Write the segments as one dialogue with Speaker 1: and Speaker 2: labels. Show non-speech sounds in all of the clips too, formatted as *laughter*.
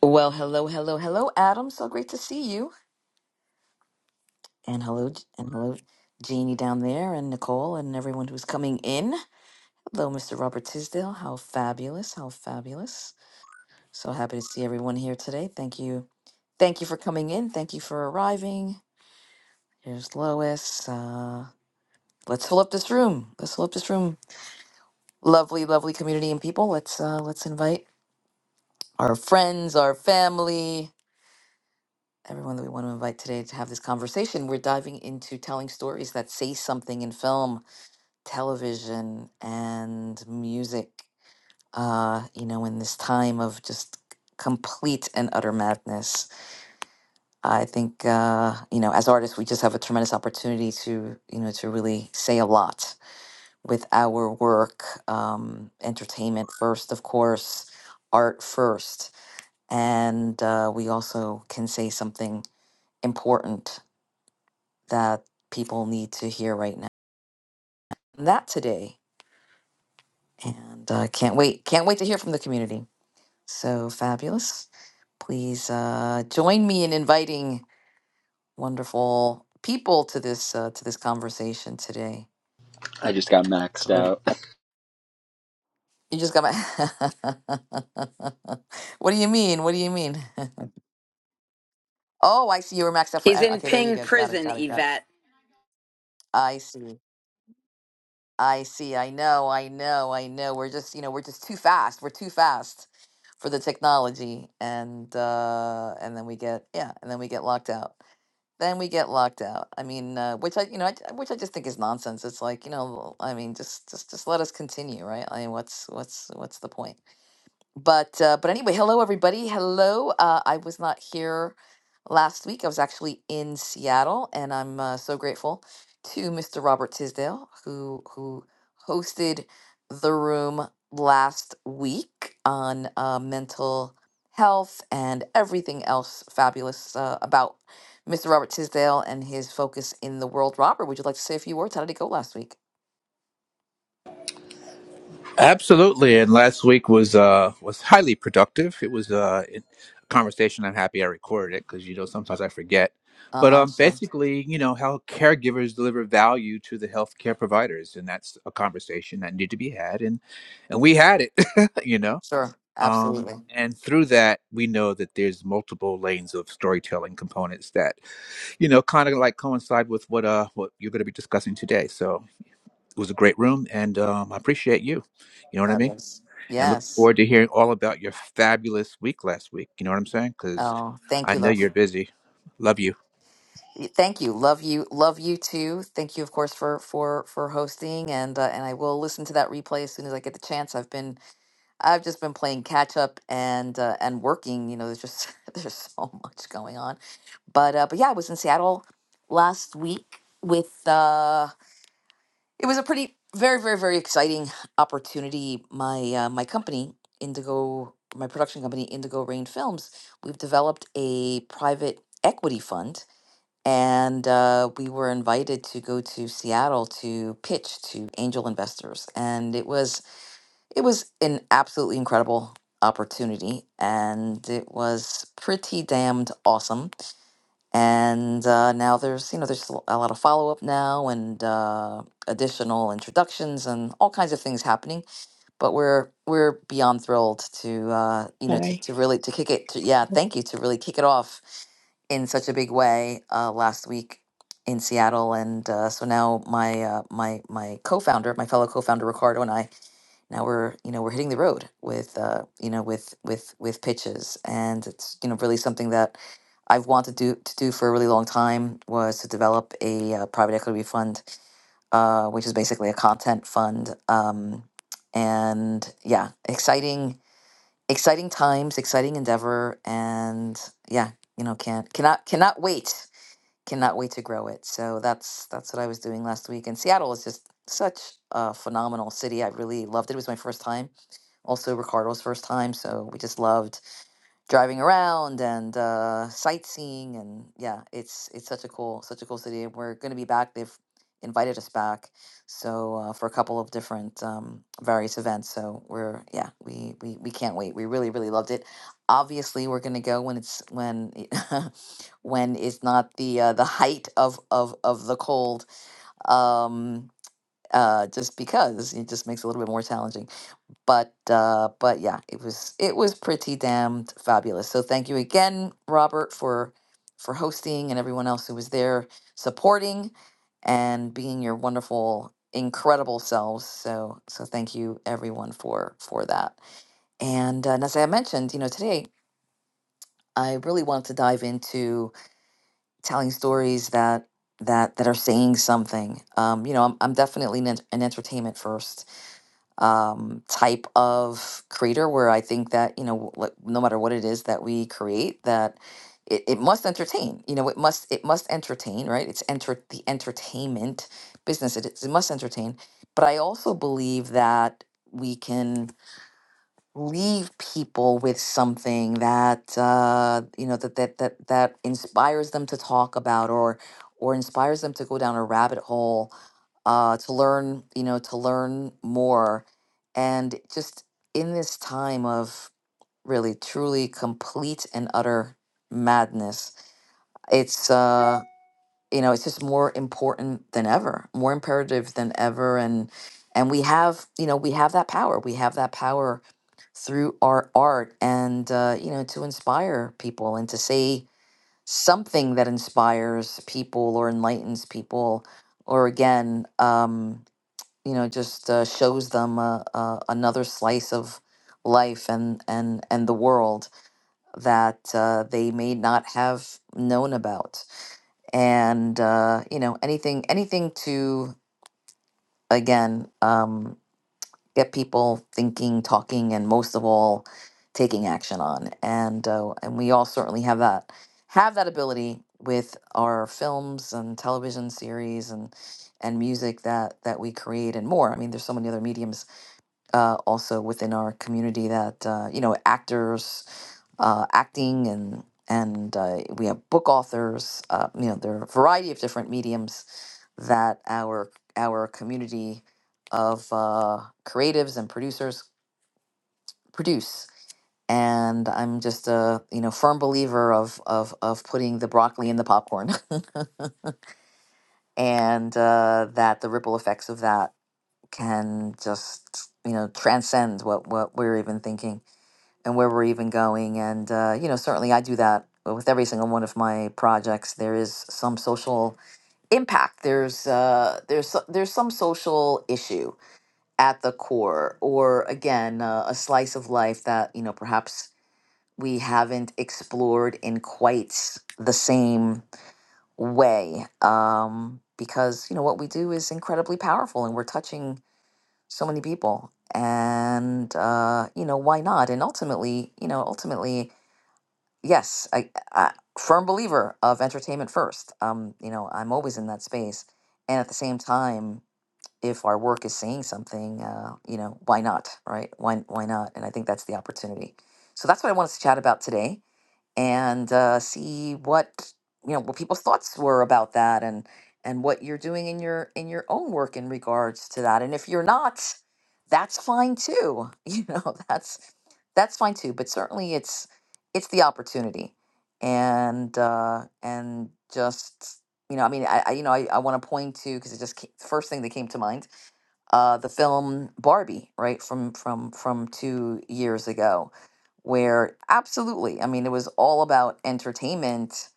Speaker 1: Well, hello, hello, hello, Adam. So great to see you. And hello, J- and hello, Jeannie down there, and Nicole, and everyone who's coming in. Hello, Mr. Robert Tisdale. How fabulous! How fabulous! So happy to see everyone here today. Thank you, thank you for coming in. Thank you for arriving. Here's Lois. Uh, let's fill up this room. Let's fill up this room. Lovely, lovely community and people. Let's uh, let's invite our friends, our family, everyone that we want to invite today to have this conversation. We're diving into telling stories that say something in film, television, and music. Uh, you know, in this time of just complete and utter madness, I think uh, you know, as artists, we just have a tremendous opportunity to you know to really say a lot with our work. Um, entertainment first, of course, art first, and uh, we also can say something important that people need to hear right now. that today. And uh, can't wait. Can't wait to hear from the community. So fabulous. Please uh, join me in inviting wonderful people to this uh, to this conversation today.
Speaker 2: I just got maxed
Speaker 1: Great.
Speaker 2: out.
Speaker 1: You just got my. *laughs* what do you mean? What do you mean? *laughs* oh, I see. You were maxed out for.
Speaker 3: He's
Speaker 1: en-
Speaker 3: in
Speaker 1: Okay, there you
Speaker 3: Ping
Speaker 1: go. Got it.
Speaker 3: prison,
Speaker 1: Got it. Got it.
Speaker 3: Yvette.
Speaker 1: I see. I see. I know. I know. I know. We're just, you know, we're just too fast. We're too fast for the technology, and uh, and then we get, yeah, and then we get locked out. Then we get locked out. I mean, uh, which I, you know, I, which I just think is nonsense. It's like, you know, I mean, just, just, just let us continue, right? I mean, what's, what's, what's the point? but uh, but anyway, hello everybody. Hello. Uh, I was not here last week. I was actually in Seattle, and I'm uh, so grateful to Mr. Robert Tisdale who who hosted the room last week on uh, mental health and everything else fabulous uh, about Mr. Robert Tisdale and his focus in the world. Robert, would you like to say a few words? How did it go last week?
Speaker 4: Absolutely, and last week was uh was highly productive. It was uh, a conversation. I'm happy I recorded it because you know sometimes I forget.
Speaker 1: Uh
Speaker 4: But
Speaker 1: huh.
Speaker 4: um,
Speaker 1: Sure.
Speaker 4: basically, you know how caregivers deliver value to the healthcare providers, and that's a conversation that needed to be had, and and we had it, *laughs* you know.
Speaker 1: Sure.
Speaker 4: Um,
Speaker 1: Absolutely.
Speaker 4: and through that, we know that there's multiple lanes of storytelling components that, you know, kind of like coincide with what uh what you're going to be discussing today. So it was a great room, and um, I appreciate you. You know what I mean?
Speaker 1: Fabulous.
Speaker 4: and look
Speaker 1: Yes.
Speaker 4: forward to hearing all about your fabulous week last week. You know what I'm saying? Because
Speaker 1: Oh, thank
Speaker 4: I
Speaker 1: you,
Speaker 4: know
Speaker 1: love.
Speaker 4: you're busy. Love you.
Speaker 1: Thank you, love you, love you too. Thank you, of course, for for for hosting, and uh, and I will listen to that replay as soon as I get the chance. I've been I've just been playing catch up and uh, and working. You know, there's just *laughs* there's so much going on, but uh, but yeah, I was in Seattle last week with uh, it was a pretty very very very exciting opportunity. My uh, my company Indigo, my production company Indigo Rain Films, we've developed a private equity fund and uh, we were invited to go to Seattle to pitch to angel investors, and it was it was an absolutely incredible opportunity, and it was pretty damned awesome. And uh, now there's you know there's a lot of follow up now and uh, additional introductions and all kinds of things happening, but we're we're beyond thrilled to uh, you know to,
Speaker 5: Sorry.
Speaker 1: to really to kick it to, yeah thank you to really kick it off in such a big way uh, last week in Seattle, and uh, so now my uh, my my co-founder, my fellow co-founder Ricardo and I, now we're you know we're hitting the road with uh, you know with with with pitches, and it's you know really something that I've wanted to do to do for a really long time was to develop a uh, private equity fund, uh, which is basically a content fund, um, and yeah, exciting exciting times, exciting endeavor, and yeah, you know can't cannot cannot wait cannot wait to grow it. So that's that's what I was doing last week. And Seattle is just such a phenomenal city. I really loved it. It was my first time, also Ricardo's first time. So we just loved driving around and uh, sightseeing and yeah it's it's such a cool such a cool city and we're going to be back they've invited us back so uh, for a couple of different um, various events so we're yeah we, we we can't wait we really really loved it obviously we're going to go when it's when it- *laughs* when it's not the uh, the height of of of the cold um uh just because it just makes it a little bit more challenging but uh but yeah it was it was pretty damned fabulous so thank you again robert for for hosting and everyone else who was there supporting and being your wonderful incredible selves so so thank you everyone for for that and, uh, and as i mentioned you know today i really want to dive into telling stories that that that are saying something um you know i'm, I'm definitely an, an entertainment first um, type of creator where I think that, you know, like, no matter what it is that we create, that it, it must entertain, you know, it must, it must entertain, right? It's enter the entertainment business. It, is- it must entertain. But I also believe that we can leave people with something that, uh, you know, that, that, that, that inspires them to talk about or, or inspires them to go down a rabbit hole uh, to learn, you know, to learn more. And just in this time of really, truly complete and utter madness, it's, uh, you know, it's just more important than ever, more imperative than ever. And, and we have, you know, we have that power. We have that power through our art and, uh, you know, to inspire people and to say something that inspires people or enlightens people. Or again, um you know just uh, shows them uh, uh, another slice of life and and and the world that uh, they may not have known about and uh, you know anything anything to again um, get people thinking talking and most of all taking action on and uh, and we all certainly have that have that ability with our films and television series and and music that that we create and more i mean there's so many other mediums uh, also within our community that uh, you know actors uh, acting and and uh, we have book authors uh, you know there are a variety of different mediums that our our community of uh, creatives and producers produce and i'm just a you know firm believer of of, of putting the broccoli in the popcorn *laughs* and uh, that the ripple effects of that can just you know transcend what what we're even thinking and where we're even going. And, uh, you know, certainly I do that with every single one of my projects. There is some social impact. There's, uh, there's, so- there's some social issue at the core, or again, uh, a slice of life that, you know, perhaps we haven't explored in quite the same way. Um, because, you know, what we do is incredibly powerful and we're touching so many people. And, uh, you know, why not? And ultimately, you know, ultimately, yes, I, I firm believer of entertainment first. Um, you know, I'm always in that space, and at the same time, if our work is saying something, uh, you know, why not, right? Why why not? And I think that's the opportunity. So that's what I wanted to chat about today and uh, see what you know what people's thoughts were about that and and what you're doing in your in your own work in regards to that and if you're not that's fine too *laughs* you know that's that's fine too but certainly it's it's the opportunity and uh and just you know i mean i, I you know i, I want to point to because it just ca- first thing that came to mind uh, the film Barbie, right from from from two years ago, where absolutely, I mean, it was all about entertainment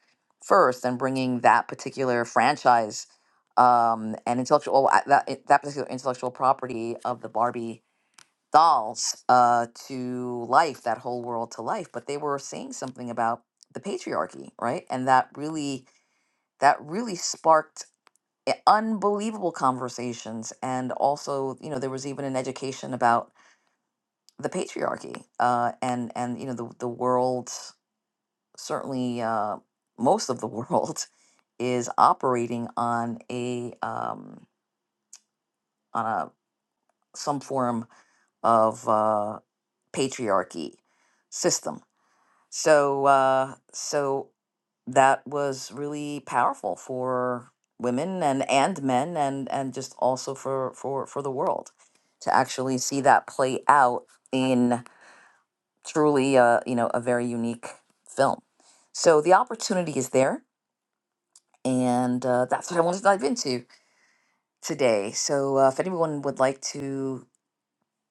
Speaker 1: first and bringing that particular franchise um, and intellectual uh, that it- that particular intellectual property of the Barbie dolls uh, to life, that whole world to life. But they were saying something about the patriarchy, right, and that really that really sparked i- unbelievable conversations and also you know there was even an education about the patriarchy uh, and and you know the, the world certainly uh, most of the world *laughs* is operating on a um, on a some form of uh, patriarchy system so uh, so that was really powerful for women and and men and and just also for for for the world to actually see that play out in truly a you know a very unique film so the opportunity is there and uh, that's what i wanted to dive into today so uh, if anyone would like to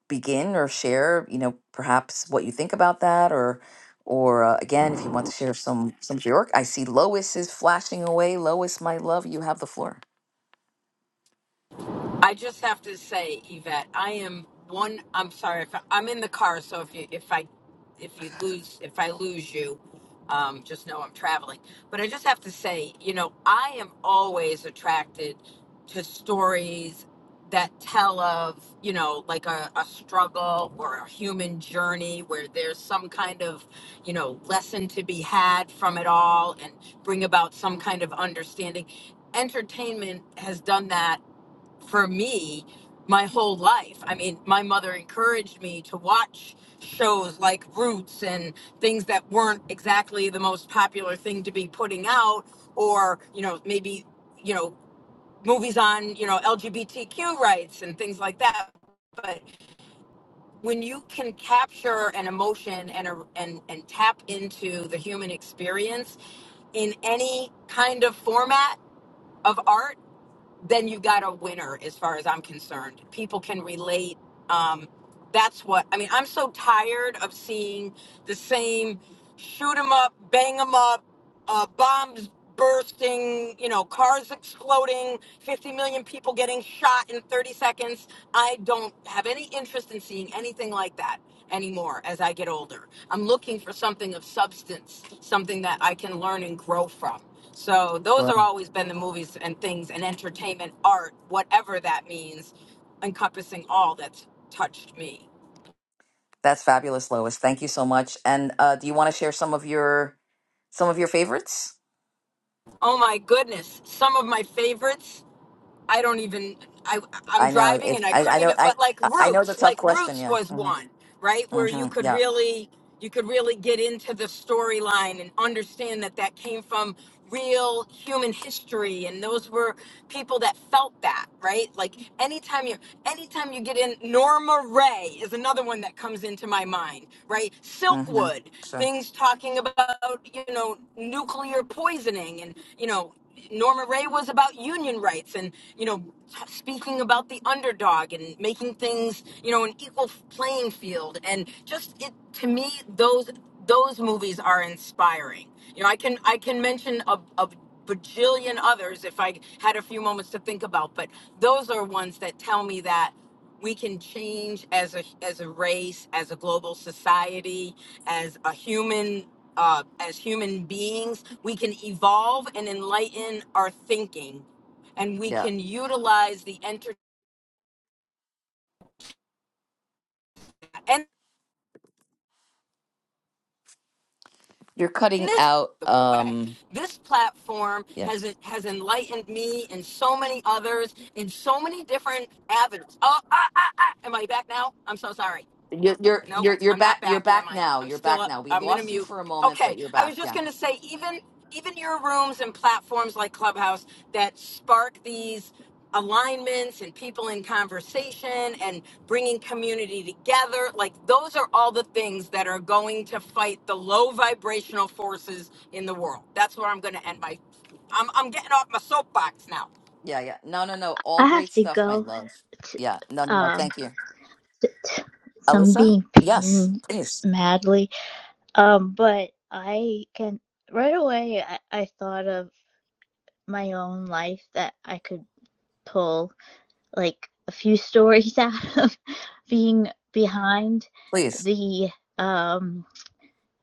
Speaker 1: begin or share you know perhaps what you think about that or or uh, again if you want to share some some of your work i see lois is flashing away lois my love you have the floor
Speaker 3: I just have to say, Yvette, I am one. I'm sorry if I, I'm in the car, so if you if I if you lose if I lose you, um, just know I'm traveling. But I just have to say, you know, I am always attracted to stories that tell of you know like a, a struggle or a human journey where there's some kind of you know lesson to be had from it all and bring about some kind of understanding entertainment has done that for me my whole life. I mean, my mother encouraged me to watch shows like Roots and things that weren't exactly the most popular thing to be putting out, or, you know, maybe, you know, movies on, you know, LGBTQ rights and things like that. But when you can capture an emotion and, a, and, and tap into the human experience in any kind of format, of art then you got a winner as far as I'm concerned. People can relate. Um, that's what I mean. I'm so tired of seeing the same shoot 'em up, bang 'em up uh, bombs bursting, you know, cars exploding, 50 million people getting shot in 30 seconds. I don't have any interest in seeing anything like that anymore as I get older. I'm looking for something of substance, something that I can learn and grow from. So those
Speaker 1: Sure.
Speaker 3: are always been the movies and things and entertainment, art, whatever that means, encompassing all that's touched me.
Speaker 1: that's fabulous lois thank you so much and uh, do you want to share some of your some of your favorites
Speaker 3: Oh my goodness, some of my favorites. I don't even I I'm
Speaker 1: i know
Speaker 3: driving
Speaker 1: it,
Speaker 3: and I
Speaker 1: I, I
Speaker 3: couldn't
Speaker 1: know
Speaker 3: even
Speaker 1: i
Speaker 3: but like
Speaker 1: i I know it's a
Speaker 3: Roots,
Speaker 1: tough
Speaker 3: like
Speaker 1: question
Speaker 3: Roots
Speaker 1: yeah
Speaker 3: was
Speaker 1: hmm
Speaker 3: one, right? Where
Speaker 1: hmm
Speaker 3: you could
Speaker 1: yeah
Speaker 3: really you could really get into the storyline and understand that that came from real human history and those were people that felt that, right? Like anytime you anytime you get in Norma Ray is another one that comes into my mind, right?
Speaker 1: hmm
Speaker 3: Silkwood,
Speaker 1: sure
Speaker 3: things talking about, you know, nuclear poisoning and, you know, Norma Ray was about union rights and, you know, speaking about the underdog and making things, you know, an equal playing field. And just it to me, those those movies are inspiring. You know, I can I can mention a, a bajillion others if I had a few moments to think about, but those are ones that tell me that we can change as a as a race, as a global society, as a human uh, as human beings. We can evolve and enlighten our thinking, and we
Speaker 1: yeah
Speaker 3: can utilize the enter and
Speaker 1: you're cutting
Speaker 3: this
Speaker 1: out
Speaker 3: the way
Speaker 1: um
Speaker 3: this platform
Speaker 1: yeah
Speaker 3: has has enlightened me and so many others in so many different avenues. Oh, ah, ah, ah. am I back now? I'm so sorry.
Speaker 1: you're you're
Speaker 3: Nope,
Speaker 1: you're you're
Speaker 3: I'm
Speaker 1: back
Speaker 3: not
Speaker 1: you're
Speaker 3: back, am
Speaker 1: back
Speaker 3: I?
Speaker 1: now
Speaker 3: I'm
Speaker 1: you're
Speaker 3: still
Speaker 1: back
Speaker 3: up.
Speaker 1: now we
Speaker 3: I'm gonna
Speaker 1: lost you
Speaker 3: mute.
Speaker 1: for a moment
Speaker 3: Okay,
Speaker 1: but you're
Speaker 3: I was
Speaker 1: back yeah
Speaker 3: just gonna say, even even your rooms and platforms like Clubhouse that spark these alignments and people in conversation and bringing community together, like those are all the things that are going to fight the low vibrational forces in the world. That's where I'm gonna end my. I'm I'm getting off my soapbox now.
Speaker 1: Yeah, yeah. No, no, no. All
Speaker 5: I have
Speaker 1: great
Speaker 5: to
Speaker 1: stuff, my
Speaker 5: go
Speaker 1: love.
Speaker 5: to
Speaker 1: Yeah. No, no, no.
Speaker 5: um
Speaker 1: Thank you,
Speaker 5: t- t- so
Speaker 1: Alyssa.
Speaker 5: being
Speaker 1: Yes,
Speaker 5: pinged
Speaker 1: please,
Speaker 5: madly. Um, but I can right away I, I thought of my own life that I could pull like a few *laughs* stories out of *laughs* being behind
Speaker 1: please.
Speaker 5: the um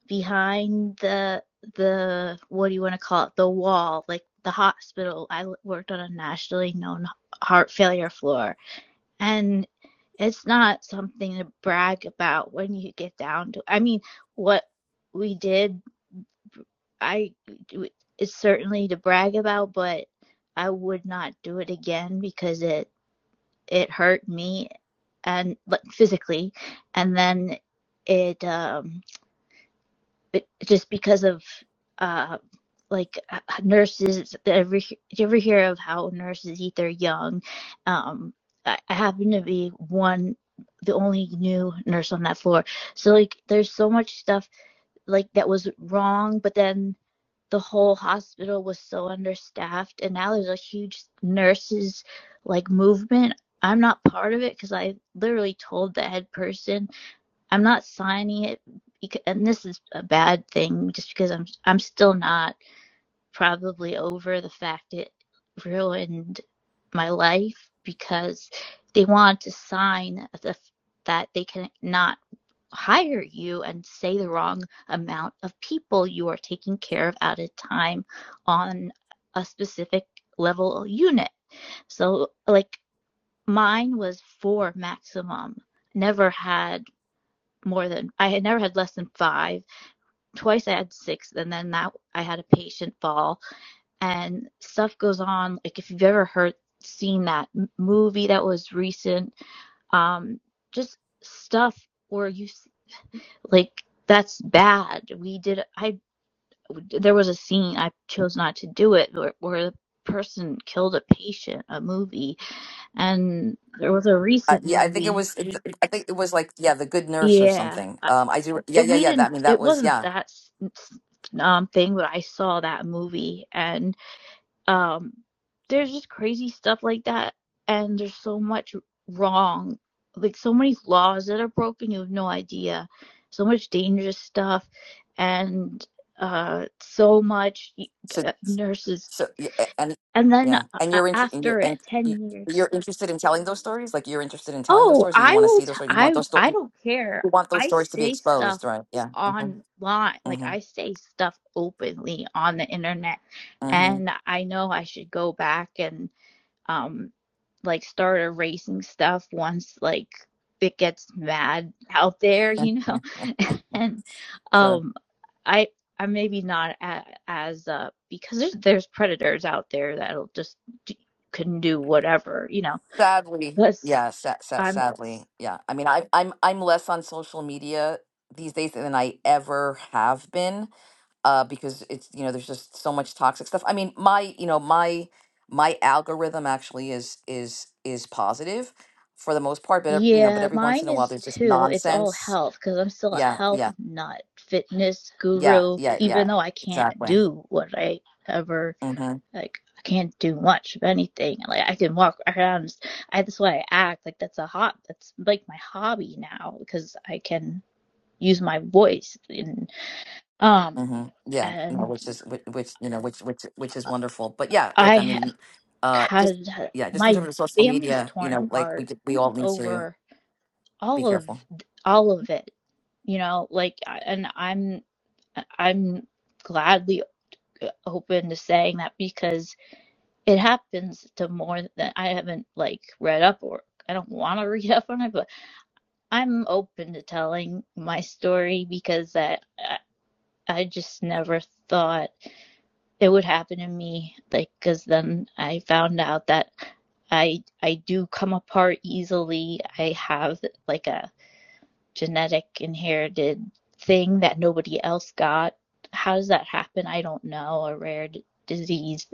Speaker 5: behind the the what do you want to call it the wall like the hospital I worked on a nationally known heart failure floor And it's not something to brag about when you get down to, I mean, what we did, I, it's certainly to brag about, but I would not do it again because it, it hurt me and like, physically. And then it, um, just because of uh like uh, nurses Every do you ever hear of how nurses eat their young um I, I happen to be one the only new nurse on that floor so like there's so much stuff like that was wrong but then the whole hospital was so understaffed and now there's a huge nurses like movement i'm not part of it because i literally told the head person I'm not signing it, and this is a bad thing, just because I'm I'm still not probably over the fact it ruined my life because they want to sign the, that they can not hire you and say the wrong amount of people you are taking care of at a time on a specific level unit. So like mine was four maximum, never had more than I had never had less than five. Twice I had six, and then that I had a patient fall, and stuff goes on. Like if you've ever heard seen that movie that was recent, um, just stuff where you like that's bad. We did. I there was a scene I chose not to do it where, where the person killed a patient. A movie, and there was a
Speaker 1: Uh,
Speaker 5: recent
Speaker 1: yeah, I think it
Speaker 5: movie.
Speaker 1: was. it- I think it was like yeah, the good nurse or
Speaker 5: Yeah,
Speaker 1: something. Um, I do.
Speaker 5: it,
Speaker 1: Yeah, yeah,
Speaker 5: we
Speaker 1: yeah. That I
Speaker 5: didn't
Speaker 1: mean,
Speaker 5: it
Speaker 1: that was
Speaker 5: wasn't
Speaker 1: yeah.
Speaker 5: that um thing but i saw that movie and um there's just crazy stuff like that and there's so much wrong like so many laws that are broken you have no idea so much dangerous stuff and uh so much
Speaker 1: So,
Speaker 5: uh, nurses
Speaker 1: so yeah, and
Speaker 5: and then
Speaker 1: yeah, and
Speaker 5: uh,
Speaker 1: you're inter- and you're,
Speaker 5: after it
Speaker 1: and you-
Speaker 5: 10 years
Speaker 1: you're interested in telling those stories. Like you're interested in telling those
Speaker 5: Oh,
Speaker 1: stories, or you
Speaker 5: I
Speaker 1: want to
Speaker 5: will
Speaker 1: see
Speaker 5: t
Speaker 1: those stories. You
Speaker 5: I
Speaker 1: want those. Sto-
Speaker 5: I don't care.
Speaker 1: you want those
Speaker 5: I
Speaker 1: stories to be
Speaker 5: say stuff
Speaker 1: exposed, right? Yeah. Mm-hmm.
Speaker 5: online. Like
Speaker 1: Mm-hmm.
Speaker 5: I say stuff openly on the internet.
Speaker 1: Mm-hmm.
Speaker 5: And I know I should go back and um like start erasing stuff once like it gets mad out there,
Speaker 1: Yeah.
Speaker 5: you
Speaker 1: yeah,
Speaker 5: know. *laughs* And
Speaker 1: Sure.
Speaker 5: um I I maybe not a, as uh because there's there's predators out there that'll just d- can do whatever, you know.
Speaker 1: Sadly,
Speaker 5: That's.
Speaker 1: yeah, sad, sad,
Speaker 5: I'm
Speaker 1: sadly, yeah. I mean, I, I'm I'm less on social media these days than I ever have been, uh, because it's you know there's just so much toxic stuff. I mean, my you know my my algorithm actually is is is positive for the most part, but ev- you know, but
Speaker 5: Yeah,
Speaker 1: every once
Speaker 5: mine
Speaker 1: in a while
Speaker 5: is
Speaker 1: there's just
Speaker 5: too. It's all
Speaker 1: nonsense.
Speaker 5: health because I'm still a
Speaker 1: Yeah,
Speaker 5: health
Speaker 1: yeah,
Speaker 5: nut, fitness
Speaker 1: yeah,
Speaker 5: guru,
Speaker 1: yeah, yeah.
Speaker 5: even though I can't
Speaker 1: Exactly.
Speaker 5: do what I ever
Speaker 1: Mm-hmm.
Speaker 5: like. I can't do much of anything. Like I can walk around. I that's why I act like that's a hot. That's like my hobby now because I can use my voice and um
Speaker 1: hmm Yeah, no,
Speaker 5: and
Speaker 1: which is which, which you know which which which is wonderful. But yeah, look,
Speaker 5: I
Speaker 1: I
Speaker 5: ha-
Speaker 1: mean, uh, just
Speaker 5: had
Speaker 1: yeah, just in
Speaker 5: my
Speaker 1: terms of social
Speaker 5: family's
Speaker 1: media, you
Speaker 5: torn
Speaker 1: know, like we
Speaker 5: apart
Speaker 1: ju- we all need to
Speaker 5: over.
Speaker 1: be
Speaker 5: all of
Speaker 1: careful.
Speaker 5: all of it you know like and i'm i'm gladly open to saying that because it happens to more than i haven't like read up or i don't want to *laughs* read up on it but i'm open to telling my story because i i I just never thought it would happen to me like because then i found out that i i do come apart easily i have like a genetic inherited thing that nobody else got. How does that happen? I don't know. A rare d- disease.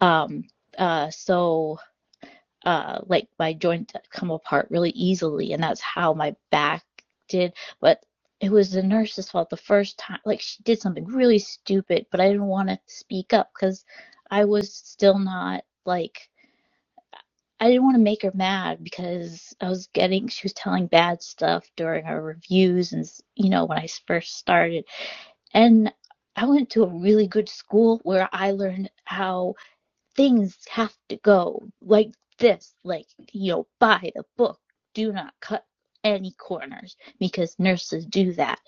Speaker 5: Um, uh, so, uh, like my joints come apart really easily, and that's how my back did. But it was the nurse's fault the first time. Like she did something really stupid, but I didn't want to speak up because I was still not like. I didn't want to make her mad because I was getting, she was telling bad stuff during our reviews and, you know, when I s- first started. And I went to a really good school where I learned how things have to go like this, like, you know, buy the book, do not cut any corners because nurses do that.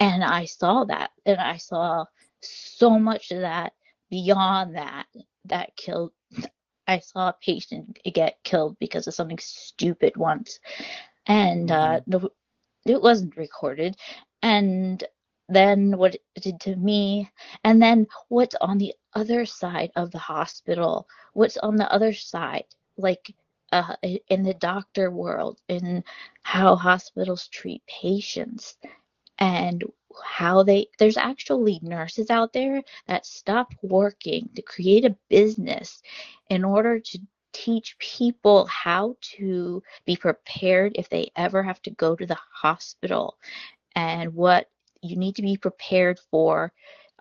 Speaker 5: And I saw that and I saw so much of that beyond that that killed I saw a patient get killed because of something stupid once, and uh,
Speaker 1: hmm
Speaker 5: the, it wasn't recorded. And then what it did to me, and then what's on the other side of the hospital, what's on the other side, like uh, in the doctor world, in how hospitals treat patients and how they there's actually nurses out there that stop working to create a business in order to teach people how to be prepared if they ever have to go to the hospital and what you need to be prepared for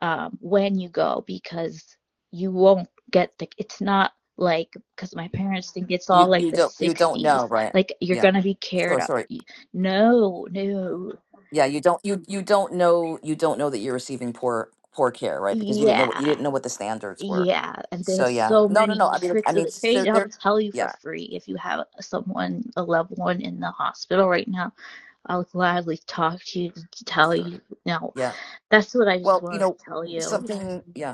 Speaker 5: um, when you go because you won't get the it's not like because my parents think it's all
Speaker 1: You
Speaker 5: like
Speaker 1: you
Speaker 5: the
Speaker 1: don't you don't
Speaker 5: 60s
Speaker 1: know, right?
Speaker 5: like you're
Speaker 1: Yeah,
Speaker 5: gonna be cared
Speaker 1: sure.
Speaker 5: up
Speaker 1: Sorry.
Speaker 5: no no
Speaker 1: Yeah, you don't you you don't know you don't know that you're receiving poor poor care, right? Because you didn't know what you
Speaker 5: Yeah,
Speaker 1: didn't know what the standards were.
Speaker 5: yeah, and
Speaker 1: So
Speaker 5: there's
Speaker 1: yeah,
Speaker 5: so
Speaker 1: no, no,
Speaker 5: many
Speaker 1: no. I mean, I
Speaker 5: tricks of
Speaker 1: mean,
Speaker 5: the
Speaker 1: so
Speaker 5: trade. I'll
Speaker 1: there.
Speaker 5: tell you for
Speaker 1: Yeah,
Speaker 5: free if you have someone, a loved one in the hospital right now, I'll gladly talk to you to tell
Speaker 1: sure.
Speaker 5: you. No,
Speaker 1: Yeah.
Speaker 5: that's what I just
Speaker 1: Well, you
Speaker 5: wanted
Speaker 1: know,
Speaker 5: to tell you.
Speaker 1: something. Yeah.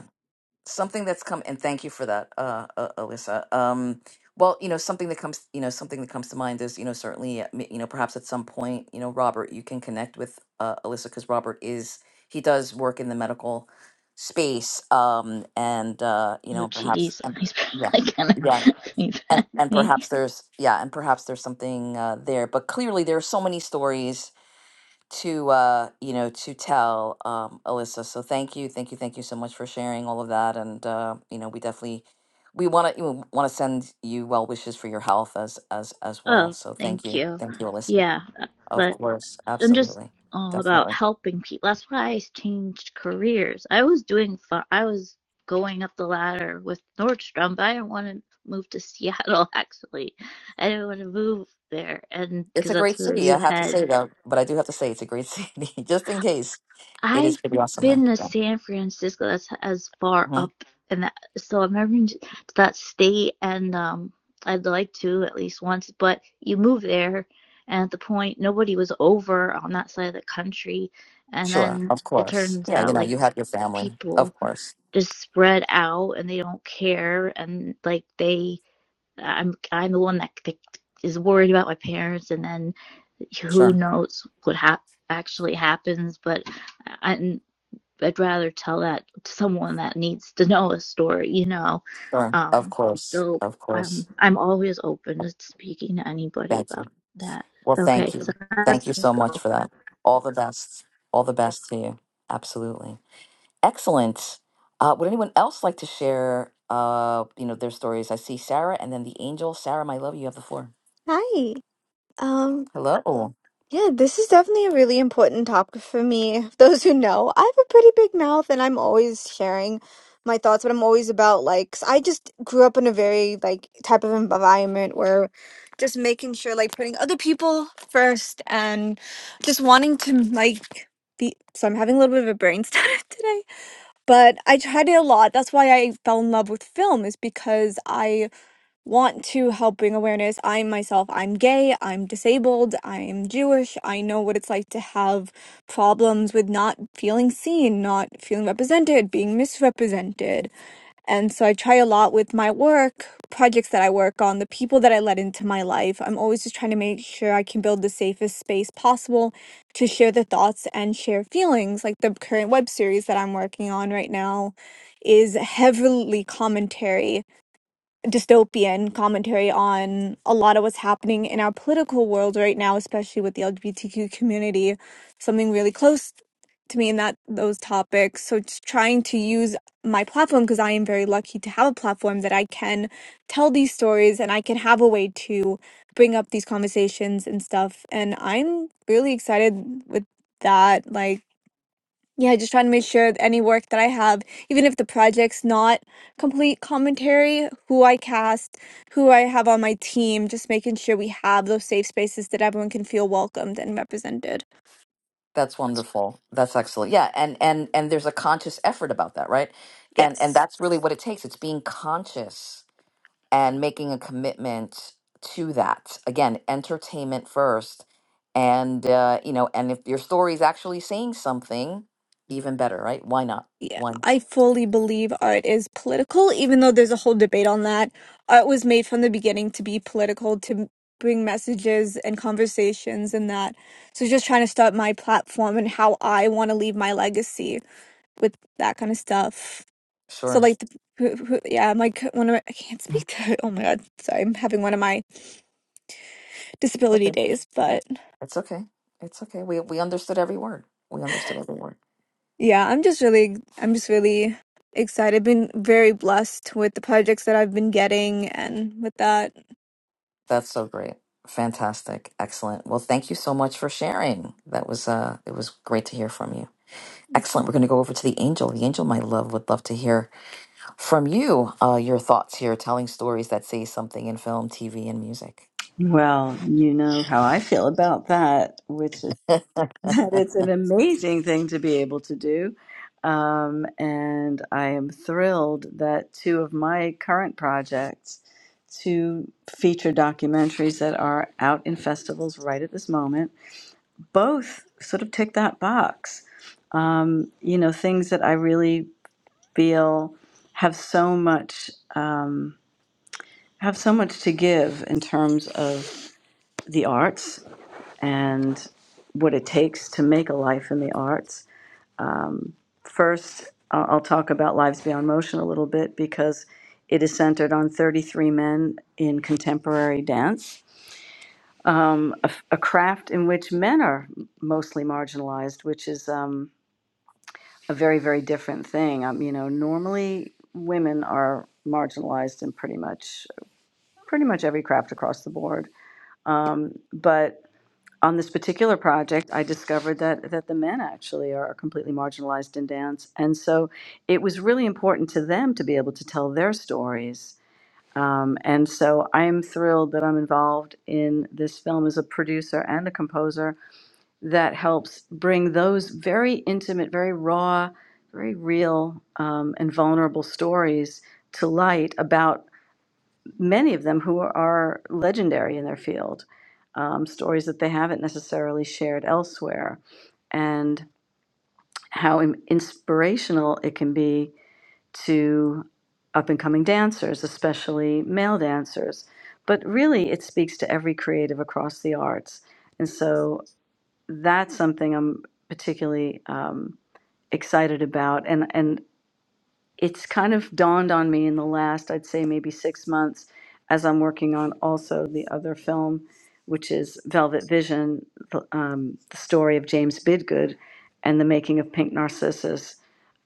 Speaker 1: something that's come and thank you for that uh, uh alyssa um well you know something that comes you know something that comes to mind is you know certainly uh, m- you know perhaps at some point you know robert you can connect with uh alyssa because robert is he does work in the medical space um and uh you
Speaker 5: Oh,
Speaker 1: know perhaps
Speaker 5: jeez,
Speaker 1: and
Speaker 5: *laughs* he's
Speaker 1: yeah
Speaker 5: probably gonna
Speaker 1: yeah
Speaker 5: *laughs* be mad
Speaker 1: and
Speaker 5: at
Speaker 1: and
Speaker 5: me.
Speaker 1: perhaps there's yeah and perhaps there's something uh there but clearly there are so many stories to uh you know to tell um alyssa so thank you thank you thank you so much for sharing all of that and uh you know we definitely we want to want to send you well wishes for your health as as as well
Speaker 5: Oh,
Speaker 1: so thank
Speaker 5: thank
Speaker 1: you
Speaker 5: you.
Speaker 1: thank you alyssa
Speaker 5: Yeah,
Speaker 1: of
Speaker 5: but.
Speaker 1: course
Speaker 5: I'm just
Speaker 1: absolutely
Speaker 5: all about
Speaker 1: definitely
Speaker 5: helping people. That's why I changed careers. I was doing fi- I was going up the ladder with Nordstrom, but I didn't want to move to *laughs* Seattle actually. I didn't want to move there and
Speaker 1: it's
Speaker 5: because
Speaker 1: a
Speaker 5: that's
Speaker 1: great
Speaker 5: where
Speaker 1: city i
Speaker 5: you
Speaker 1: have to
Speaker 5: head.
Speaker 1: say though but i do have to say it's a great *laughs* city just in case it is
Speaker 5: I've
Speaker 1: pretty awesome there
Speaker 5: been to
Speaker 1: yeah
Speaker 5: San Francisco. That's as far
Speaker 1: hmm
Speaker 5: up and that. So I've never been to that state, and um, I'd like to at least once. But you move there, and at the point nobody was over on that side of the country, and
Speaker 1: sure
Speaker 5: then
Speaker 1: of
Speaker 5: it
Speaker 1: course
Speaker 5: turns
Speaker 1: yeah you
Speaker 5: out
Speaker 1: know
Speaker 5: like
Speaker 1: you have your family of
Speaker 5: people
Speaker 1: course
Speaker 5: just spread out and they don't care, and like they, I'm I'm the one that c- is worried about my parents, and then who
Speaker 1: sure
Speaker 5: knows what hap actually happens, but. I, I'd rather tell that to someone that needs to know a story, you know.
Speaker 1: sure of
Speaker 5: Um,
Speaker 1: course
Speaker 5: so
Speaker 1: of
Speaker 5: um,
Speaker 1: course
Speaker 5: I'm always open to speaking to anybody
Speaker 1: thank
Speaker 5: about
Speaker 1: you
Speaker 5: that.
Speaker 1: Well,
Speaker 5: Okay,
Speaker 1: thank you.
Speaker 5: so that's
Speaker 1: Thank you so much
Speaker 5: go.
Speaker 1: for that. All the best. All the best to you. Absolutely. Excellent. Uh, would anyone else like to share, uh, you know, their stories? I see Sarah and then the angel. Sarah, my love, you have the floor.
Speaker 6: Hi. Um,
Speaker 1: Hello.
Speaker 6: yeah, this is definitely a really important topic for me. *laughs* Those who know, I have a pretty big mouth and I'm always sharing my thoughts, but I'm always about like 'cause I just grew up in a very like type of environment where just making sure like putting other people first and just wanting to like be so I'm having a little bit of a brain stutter *laughs* today. But I tried it a lot. That's why I fell in love with film is because I want to help bring awareness. I myself, I'm gay, I'm disabled, I'm Jewish. I know what it's like to have problems with not feeling seen, not feeling represented, being misrepresented. And so I try a lot with my work, projects that I work on, the people that I let into my life. I'm always just trying to make sure I can build the safest space possible to share the thoughts and share feelings. Like the current web series that I'm working on right now is heavily commentary dystopian commentary on a lot of what's happening in our political world right now, especially with the LGBTQ community, something really close to me in that those topics. So just trying to use my platform because I am very lucky to have a platform that I can tell these stories and I can have a way to bring up these conversations and stuff. And I'm really excited with that. Like yeah, just trying to make sure that any work that I have, even if the project's not complete commentary, who I cast, who I have on my team, just making sure we have those safe spaces that everyone can feel welcomed and represented.
Speaker 1: That's wonderful. That's excellent. Yeah, and and and there's a conscious effort about that, right? And and
Speaker 6: Yes.
Speaker 1: that's really what it takes. It's being conscious and making a commitment to that again entertainment first and uh, you know and if your story is actually saying something even better right why not
Speaker 6: Yeah,
Speaker 1: one
Speaker 6: I fully believe art is political, even though there's a whole debate on that. Art was made from the beginning to be political, to m- bring messages and conversations and that. So just trying to start my platform and how I want to leave my legacy with that kind of stuff. So
Speaker 1: sure
Speaker 6: like, the, who, who, yeah, I'm like one of my, I can't speak to. *laughs* Oh my God, sorry, I'm having one of my disability
Speaker 1: okay
Speaker 6: days. But
Speaker 1: it's okay it's okay we we understood every word we understood every word
Speaker 6: yeah, I'm just really, I'm just really excited. I've been very blessed with the projects that I've been getting and with that.
Speaker 1: that's so great fantastic excellent well thank you so much for sharing that was uh it was great to hear from you excellent we're going to go over to the angel the angel my love would love to hear from you uh, your thoughts here, telling stories that say something in film, TV, and music.
Speaker 7: Well, you know how I feel about that, which is *laughs* that it's an amazing thing to be able to do. Um, and I am thrilled that two of my current projects, two feature documentaries that are out in festivals right at this moment, both sort of tick that box. Um, you know, things that I really feel have so much um, have so much to give in terms of the arts and what it takes to make a life in the arts. Um, first, I- I'll talk about Lives Beyond Motion a little bit because it is centered on 33 men in contemporary dance, um, a, a craft in which men are mostly marginalized, which is um, a very, very different thing. Um, you know, normally women are marginalized in pretty much pretty much every craft across the board. Um, but on this particular project, I discovered that, that the men actually are completely marginalized in dance. And so it was really important to them to be able to tell their stories. Um, and so I'm thrilled that I'm involved in this film as a producer and a composer that helps bring those very intimate, very raw, very real, um, and vulnerable stories to light about many of them who are legendary in their field, um, stories that they haven't necessarily shared elsewhere, and how im- inspirational it can be to up and coming dancers, especially male dancers. But really, it speaks to every creative across the arts. And so that's something I'm particularly um, excited about. And, and it's kind of dawned on me in the last, I'd say maybe six months, as I'm working on also the other film, which is Velvet Vision, the, um, the story of James Bidgood and the making of Pink Narcissus,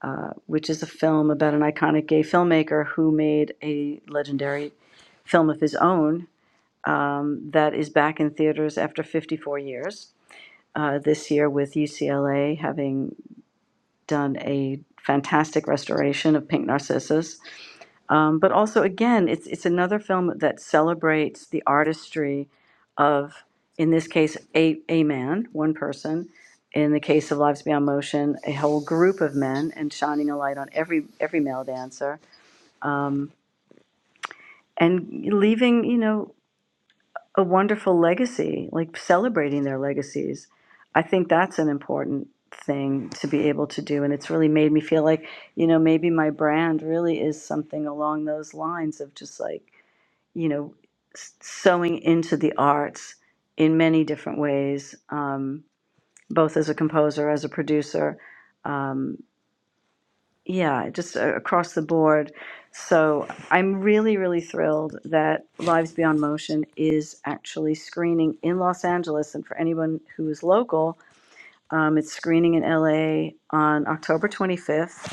Speaker 7: uh, which is a film about an iconic gay filmmaker who made a legendary film of his own um, that is back in theaters after 54 years. Uh, this year, with UCLA having done a fantastic restoration of Pink Narcissus, um, but also, again, it's it's another film that celebrates the artistry of, in this case, a a man, one person. In the case of Lives Beyond Motion, a whole group of men, and shining a light on every every male dancer, um, and leaving you know a wonderful legacy, like celebrating their legacies. I think that's an important thing to be able to do, and it's really made me feel like you know maybe my brand really is something along those lines of just like you know, s- sewing into the arts in many different ways, um, both as a composer, as a producer. Um, yeah, just uh, across the board. So I'm really, really thrilled that Lives Beyond Motion is actually screening in Los Angeles. And for anyone who is local, um, it's screening in LA on October 25th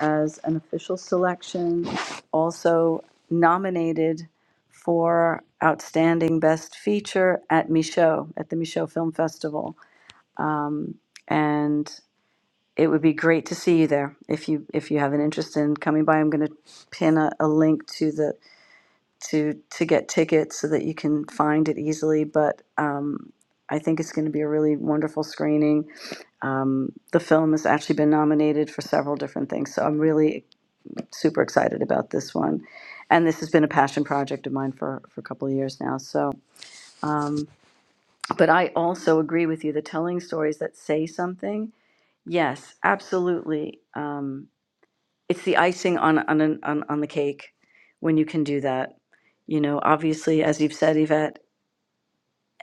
Speaker 7: as an official selection, also nominated for Outstanding Best Feature at Michaud, at the Michaud Film Festival. Um, and it would be great to see you there if you if you have an interest in coming by. I'm going to pin a, a link to the to to get tickets so that you can find it easily. But um, I think it's going to be a really wonderful screening. Um, the film has actually been nominated for several different things, so I'm really super excited about this one. And this has been a passion project of mine for, for a couple of years now. So, um, but I also agree with you that telling stories that say something, yes, absolutely. Um, it's the icing on, on, an- on, on the cake when you can do that. You know, obviously, as you've said, Yvette,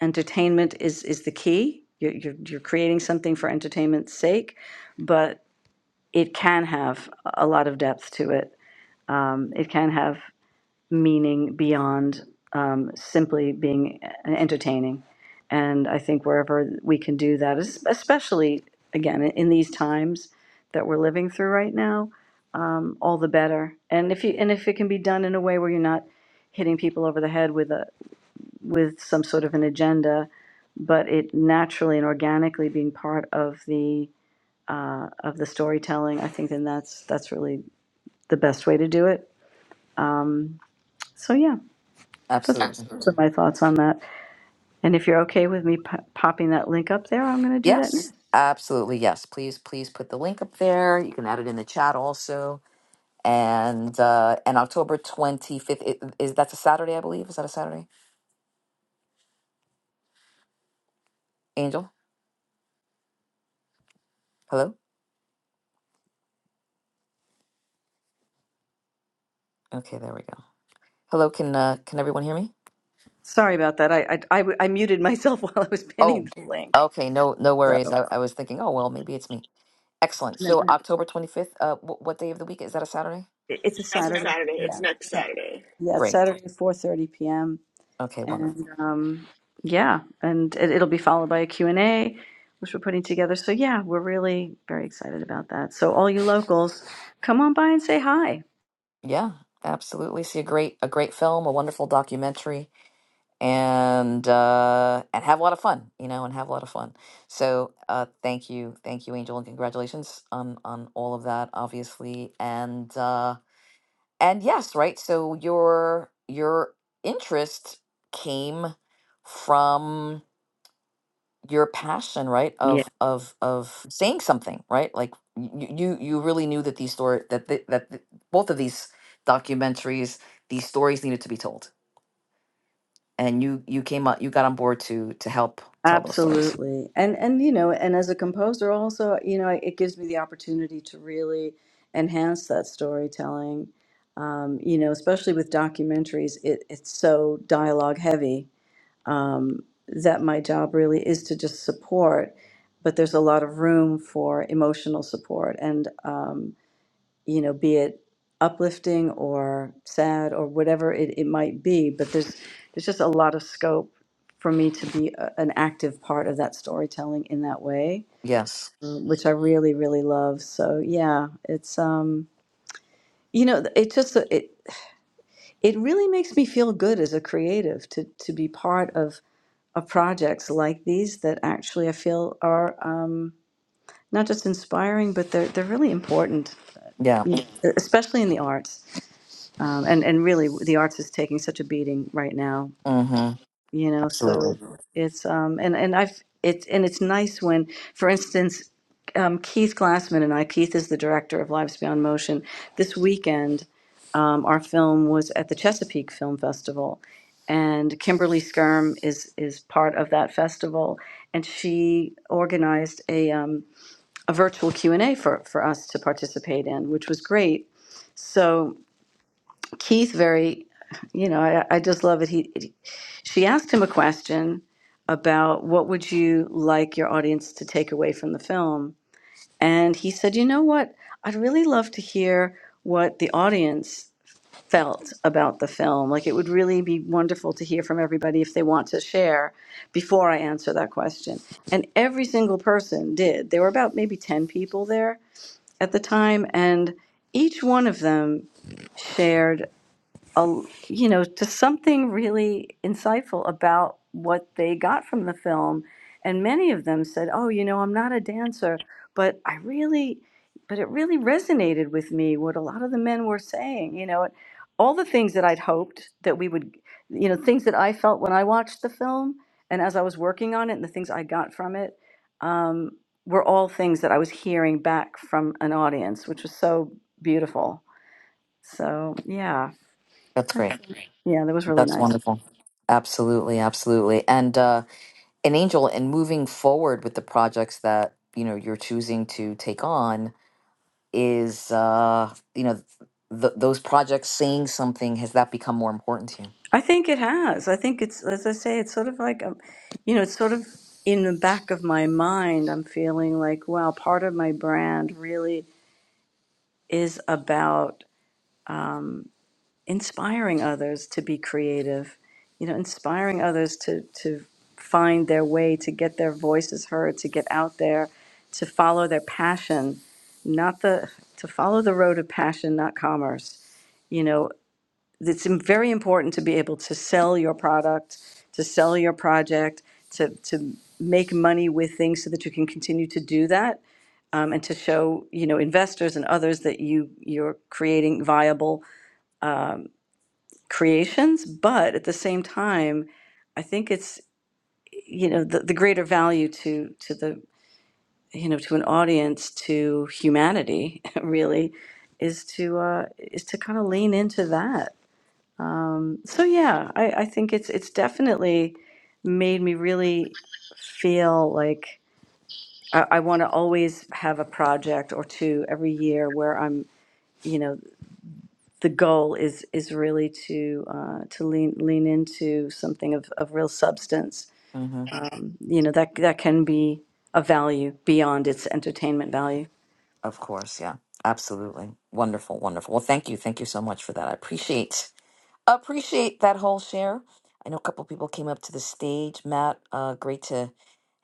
Speaker 7: entertainment is, is the key. You're, you're, you're creating something for entertainment's sake, but it can have a lot of depth to it um, it can have meaning beyond um, simply being entertaining. And I think wherever we can do that, es- especially again in these times that we're living through right now, um, all the better. And if you and if it can be done in a way where you're not hitting people over the head with a with some sort of an agenda, but it naturally and organically being part of the uh, of the storytelling, I think then that's that's really the best way to do it. So yeah, that's
Speaker 1: Absolutely.
Speaker 7: those are my thoughts on that. And if you're okay with me po- popping that link up there, I'm going to do that now.
Speaker 1: Yes. Absolutely. Yes. Please, please put the link up there. You can add it in the chat also. And uh, and October 25th is that's a Saturday, I believe. Is that a Saturday? Angel, hello. Okay, there we go. Hello, can uh, can everyone hear me?
Speaker 7: Sorry about that. I I I, I muted myself *laughs* while I was
Speaker 1: Oh,
Speaker 7: pinning the link.
Speaker 1: okay. No, no
Speaker 7: So No,
Speaker 1: worries. I, I was thinking, oh well, maybe it's me. Excellent.
Speaker 7: no.
Speaker 1: So Sure. October 25th. Uh, wh- what day of the week is that? A Saturday?
Speaker 7: It- it's a
Speaker 8: That's a
Speaker 7: Saturday.
Speaker 8: Saturday.
Speaker 7: Yeah,
Speaker 8: It's next
Speaker 7: it's Sat-
Speaker 8: Saturday.
Speaker 7: yeah it's
Speaker 1: Great.
Speaker 7: Saturday, 4.30 p.m.
Speaker 1: Okay, wonderful.
Speaker 7: And um, yeah, and it, it'll be followed by a Q&A, which we're putting together. So yeah, we're really very excited about that. So all you locals, come on by and say hi.
Speaker 1: Yeah, absolutely. See a great a great film, a wonderful documentary, and uh, and have a lot of fun, you know, and have a lot of fun. So uh, thank you, thank you, Angel, and congratulations on on all of that, obviously, and uh, and yes, right. So your your interest came from your passion right of of of saying something right like you you you really knew that these story that th- that th- both of these documentaries these stories needed to be told and you you came out you got on board to to help tell those stories
Speaker 7: Absolutely. And and you know, and as a composer also, you know, it gives me the opportunity to really enhance that storytelling. Um, you know, especially with documentaries, it, it's so dialogue heavy um, that my job really is to just support, but there's a lot of room for emotional support. And um, you know, be it uplifting or sad or whatever it, it might be. But there's there's just a lot of scope for me to be a, an active part of that storytelling in that way,
Speaker 1: yes
Speaker 7: uh, which I really really love. So yeah, it's um you know it just it it really makes me feel good as a creative to to be part of of projects like these that actually I feel are um, not just inspiring but they're they're really important,
Speaker 1: yeah
Speaker 7: you know, e-, especially in the arts. um, and and really the arts is taking such a beating right now
Speaker 1: mm-hmm
Speaker 7: you know so
Speaker 1: absolutely
Speaker 7: it's um and and i've it's and it's nice when for instance um, keith glassman and i keith is the director of lives beyond motion this weekend um, our film was at the chesapeake film festival and kimberly skirm is is part of that festival and she organized a um, a virtual q&a for for us to participate in which was great so Keith very, you know, I, I just love it. He, he- she asked him a question about what would you like your audience to take away from the film, and he said, "You know what? I'd really love to hear what the audience felt about the film. Like it would really be wonderful to hear from everybody if they want to share before I answer that question." And every single person did. There were about maybe 10 people there at the time and each one of them shared a, you know, to something really insightful about what they got from the film. And many of them said, "Oh, you know, I'm not a dancer, but I really, but it really resonated with me what a lot of the men were saying. You know, all the things that I'd hoped that we would, you know, things that I felt when I watched the film, and as I was working on it, and the things I got from it." Um, were all things that I was hearing back from an audience, which was so beautiful. So, yeah.
Speaker 1: that's
Speaker 7: That's,
Speaker 1: great
Speaker 7: yeah, that was really
Speaker 1: that's
Speaker 7: nice.
Speaker 1: wonderful absolutely absolutely and uh an angel and moving forward with the projects that you know you're choosing to take on is uh you know th- those projects saying something has that become more important to you
Speaker 7: I think it has. I think it's, as I say, it's sort of like, um, you know, it's sort of in the back of my mind. I'm feeling like, wow, part of my brand really is about inspiring others to be creative, you know, inspiring others to, to find their way, to get their voices heard, to get out there, to follow their passion, not the, to follow the road of passion, not commerce. You know, it's im- very important to be able to sell your product, to sell your project, to, to make money with things so that you can continue to do that. Um, and to show, you know, investors and others that you, you're creating viable, um, creations. But at the same time, I think it's, you know, the, the greater value to, to the, you know, to an audience, to humanity, *laughs* really, is to, uh, is to kind of lean into that So yeah, I, I think it's it's definitely made me really feel like I, I want to always have a project or two every year where I'm, you know, the goal is is really to uh, to lean lean into something of, of real substance.
Speaker 1: hmm
Speaker 7: You know that that can be a value beyond its entertainment value.
Speaker 1: of course yeah absolutely wonderful wonderful well thank you thank you so much for that i appreciate appreciate that whole share i know a couple people came up to the stage matt uh great to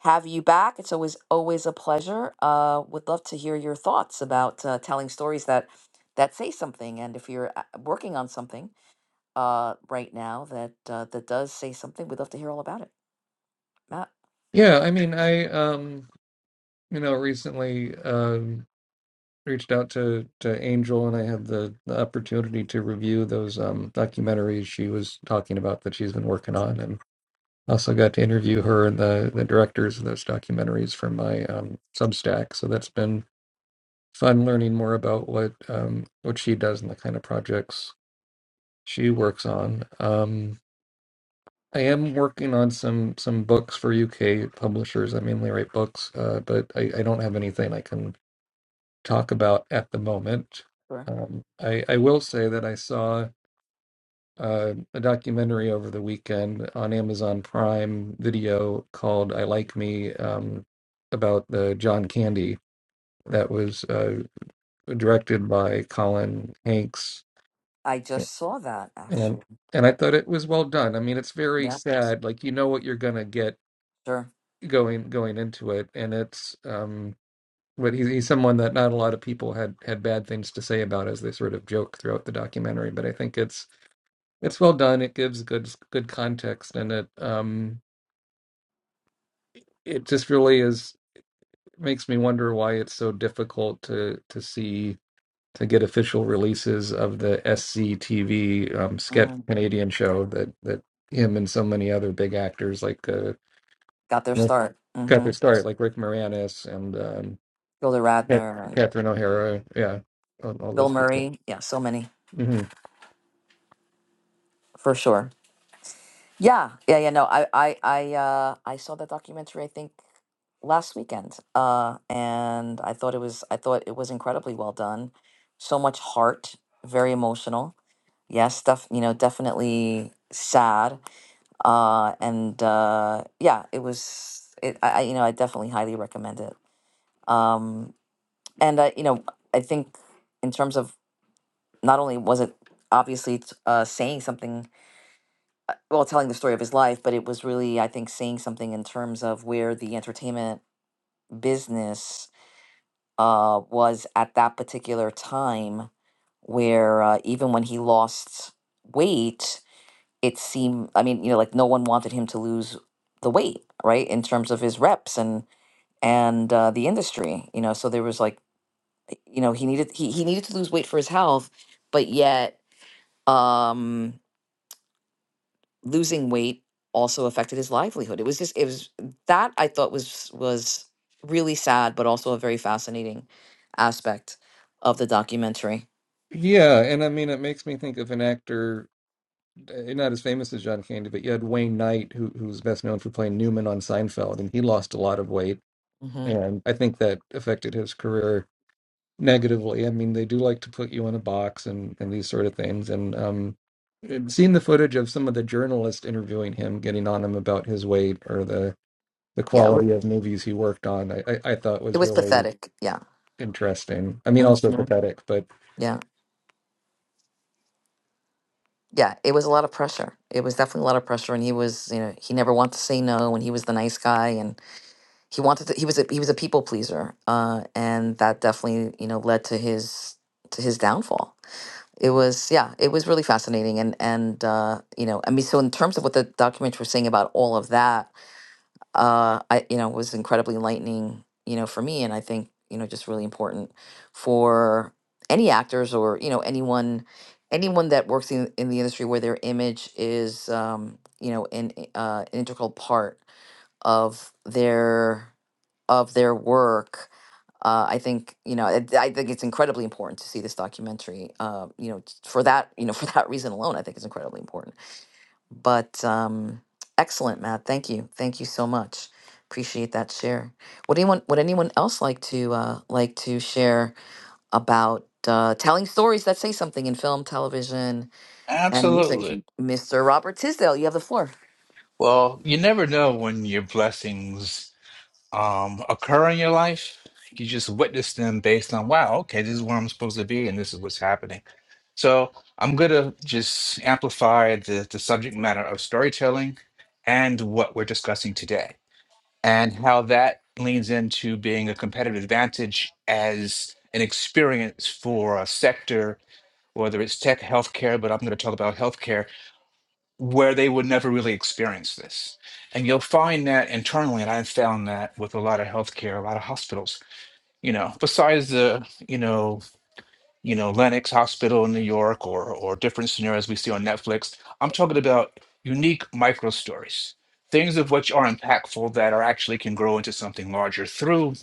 Speaker 1: have you back it's always always a pleasure uh would love to hear your thoughts about uh, telling stories that that say something and if you're uh, working on something uh right now that uh, that does say something we'd love to hear all about it Matt,
Speaker 9: Yeah, I mean, I um, you know, recently um reached out to to Angel and I had the, the opportunity to review those um documentaries she was talking about that she's been working on and also got to interview her and the the directors of those documentaries for my um Substack. So that's been fun learning more about what um what she does and the kind of projects she works on. Um I am working on some some books for UK publishers. I mainly write books, uh, but I, I don't have anything I can talk about at the moment.
Speaker 1: sure.
Speaker 9: Um, I I will say that I saw uh, a documentary over the weekend on Amazon Prime Video called "I Like Me" um, about the John Candy that was uh, directed by Colin Hanks,
Speaker 1: I just saw that actually.
Speaker 9: and and I thought it was well done. I mean, it's very
Speaker 1: Yeah,
Speaker 9: sad. Like you know what you're gonna get
Speaker 1: sure.
Speaker 9: going going into it, and it's um, but he's, he's someone that not a lot of people had had bad things to say about as they sort of joke throughout the documentary. But I think it's it's well done. It gives good good context, and it um, it just really is makes me wonder why it's so difficult to to see to get official releases of the SCTV um, sketch
Speaker 1: Mm.
Speaker 9: Canadian show that that him and so many other big actors like uh,
Speaker 1: Got their
Speaker 9: you know,
Speaker 1: start.
Speaker 9: got
Speaker 1: Mm-hmm.
Speaker 9: their start, like Rick Moranis and um,
Speaker 1: Gilda
Speaker 9: Cat-
Speaker 1: Radner and
Speaker 9: Catherine O'Hara, yeah, all, all
Speaker 1: Bill
Speaker 9: those people.
Speaker 1: Murray. Yeah, so many
Speaker 9: hmm
Speaker 1: for sure. Yeah, yeah, yeah. No, I, I, I, uh, I saw that documentary. I think last weekend, uh, and I thought it was, I thought it was incredibly well done. So much heart, very emotional. Yes, def, you know, definitely sad. Uh, and uh, yeah, it was. It, I, I, you know, I definitely highly recommend it. Um, and I, you know, I think in terms of not only was it obviously t- uh, saying something, well, telling the story of his life, but it was really, I think, saying something in terms of where the entertainment business uh, was at that particular time, where uh, even when he lost weight, it seemed, I mean, you know, like no one wanted him to lose the weight, right? In terms of his reps and and uh, the industry, you know, so there was like you know he needed he, he needed to lose weight for his health but yet um losing weight also affected his livelihood it was just it was that i thought was was really sad but also a very fascinating aspect of the documentary
Speaker 9: Yeah, and I mean, it makes me think of an actor, eh, not as famous as John Candy, but you had Wayne Knight, who who was best known for playing Newman on Seinfeld, and he lost a lot of weight,
Speaker 1: hmm
Speaker 9: and I think that affected his career negatively. I mean, they do like to put you in a box and and these sort of things, and um. and Seeing the footage of some of the journalists interviewing him, getting on him about his weight or the the
Speaker 1: yeah it wa-
Speaker 9: quality of movies he worked on, I, I, I thought
Speaker 1: it
Speaker 9: was
Speaker 1: was
Speaker 9: really
Speaker 1: pathetic yeah
Speaker 9: Interesting. I mean, also
Speaker 1: hmm
Speaker 9: pathetic, but
Speaker 1: yeah yeah it was a lot of pressure it was definitely a lot of pressure and he was you know he never wanted to say no and he was the nice guy he wanted to, he was a he was a people pleaser uh and that definitely you know led to his to his downfall it was yeah it was really fascinating and and uh you know i mean so in terms of what the documents were saying about all of that uh i you know was incredibly enlightening you know for me and i think you know just really important for any actors or you know anyone anyone that works in, in the industry where their image is um you know an uh, an integral part of their of their work. Uh, I think you know. I, I think it's incredibly important to see this documentary. Uh, you know, t- for that you know *laughs* for that reason alone, I think it's incredibly important. But um, excellent, Matt. Thank you. Thank you so much. Appreciate that share. What anyone would anyone else like to uh, like to share about uh, telling stories that say something in film, television, and music?
Speaker 4: Absolutely.
Speaker 1: Mr. Robert Tisdale, you have the floor.
Speaker 4: Well, you never know when your blessings um, occur in your life. You just witness them based on, wow, okay, this is where I'm supposed to be and this is what's happening. So I'm going to just amplify the, the subject matter of storytelling and what we're discussing today. and how that leans into being a competitive advantage as an experience for a sector, whether it's tech, healthcare, but I'm going to talk about healthcare, where they would never really experience this. And you'll find that internally, and I've found that with a lot of healthcare, a lot of hospitals, you know, besides the, you know, you know, Lenox Hospital in New York or or different scenarios we see on Netflix. I'm talking about unique micro stories, things of which are impactful that are actually can grow into something larger. Through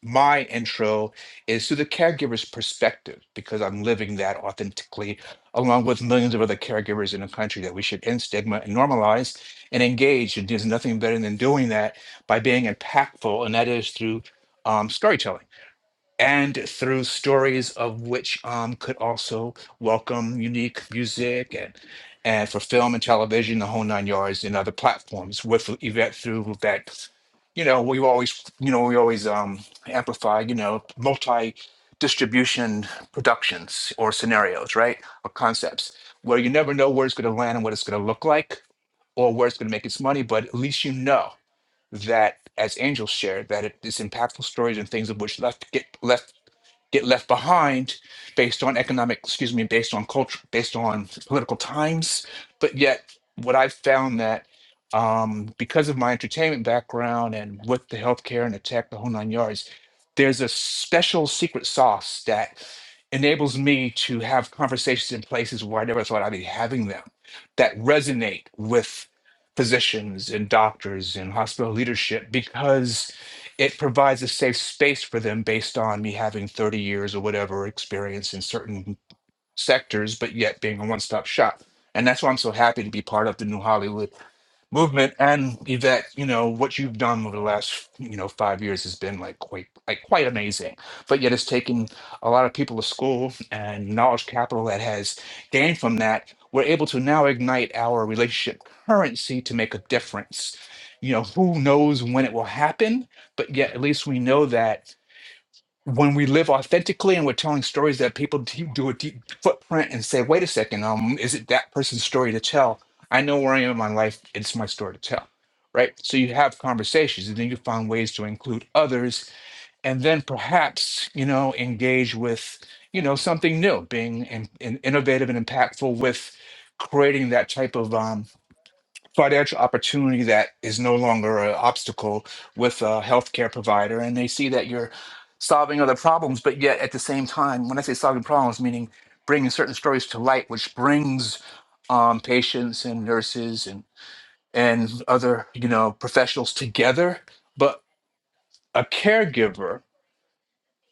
Speaker 4: my intro is through the caregiver's perspective because I'm living that authentically along with millions of other caregivers in the country that we should end stigma and normalize and engage. And there's nothing better than doing that by being impactful, and that is through um, storytelling and through stories of which um, could also welcome unique music and and for film and television, the whole nine yards, and other platforms. With Yvette through that, you know, we always, you know, we always um, amplify, you know, multi distribution productions or scenarios, right, or concepts where you never know where it's going to land and what it's going to look like or where it's going to make its money, but at least you know that as Angel shared, that it is impactful stories and things of which left get left get left behind based on economic, excuse me, based on culture, based on political times. But yet, what I've found that um, because of my entertainment background and with the healthcare and the tech, the whole nine yards, there's a special secret sauce that enables me to have conversations in places where I never thought I'd be having them that resonate with physicians and doctors and hospital leadership because it provides a safe space for them based on me having 30 years or whatever experience in certain sectors, but yet being a one stop shop. And that's why I'm so happy to be part of the new Hollywood movement and Yvette, you know, what you've done over the last, you know, five years has been like quite like quite amazing. But yet it's taken a lot of people to school and knowledge capital that has gained from that. We're able to now ignite our relationship currency to make a difference. You know, who knows when it will happen, but yet at least we know that when we live authentically and we're telling stories that people do, do a deep footprint and say, wait a second, um, is it that person's story to tell? I know where I am in my life. It's my story to tell. Right. So you have conversations and then you find ways to include others and then perhaps, you know, engage with, you know, something new, being in, in innovative and impactful with creating that type of um, financial opportunity that is no longer an obstacle with a healthcare provider and they see that you're solving other problems but yet at the same time when i say solving problems meaning bringing certain stories to light which brings um, patients and nurses and and other you know professionals together but a caregiver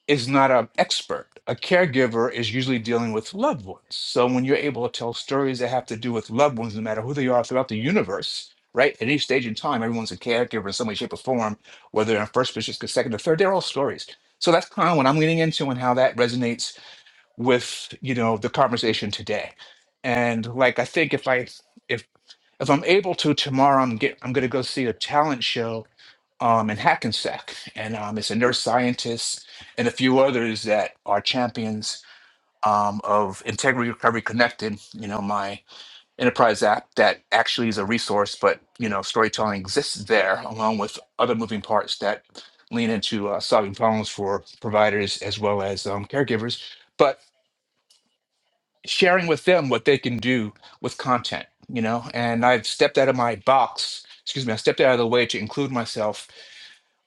Speaker 4: is not an expert. A caregiver is usually dealing with loved ones. So when you're able to tell stories that have to do with loved ones, no matter who they are throughout the universe, right? At each stage in time, everyone's a caregiver in some way, shape, or form, whether they're in first position, second, or third, they're all stories. So that's kind of what I'm leaning into and how that resonates with, you know, the conversation today. And like I think if I if if I'm able to tomorrow, I'm get I'm gonna go see a talent show um, in Hackensack, and um, it's a neuroscientist and a few others that are champions um, of Integrity Recovery Connected. You know, my enterprise app that actually is a resource, but you know, storytelling exists there along with other moving parts that lean into uh, solving problems for providers as well as um, caregivers, but sharing with them what they can do with content. You know, and I've stepped out of my box. Excuse me, I stepped out of the way to include myself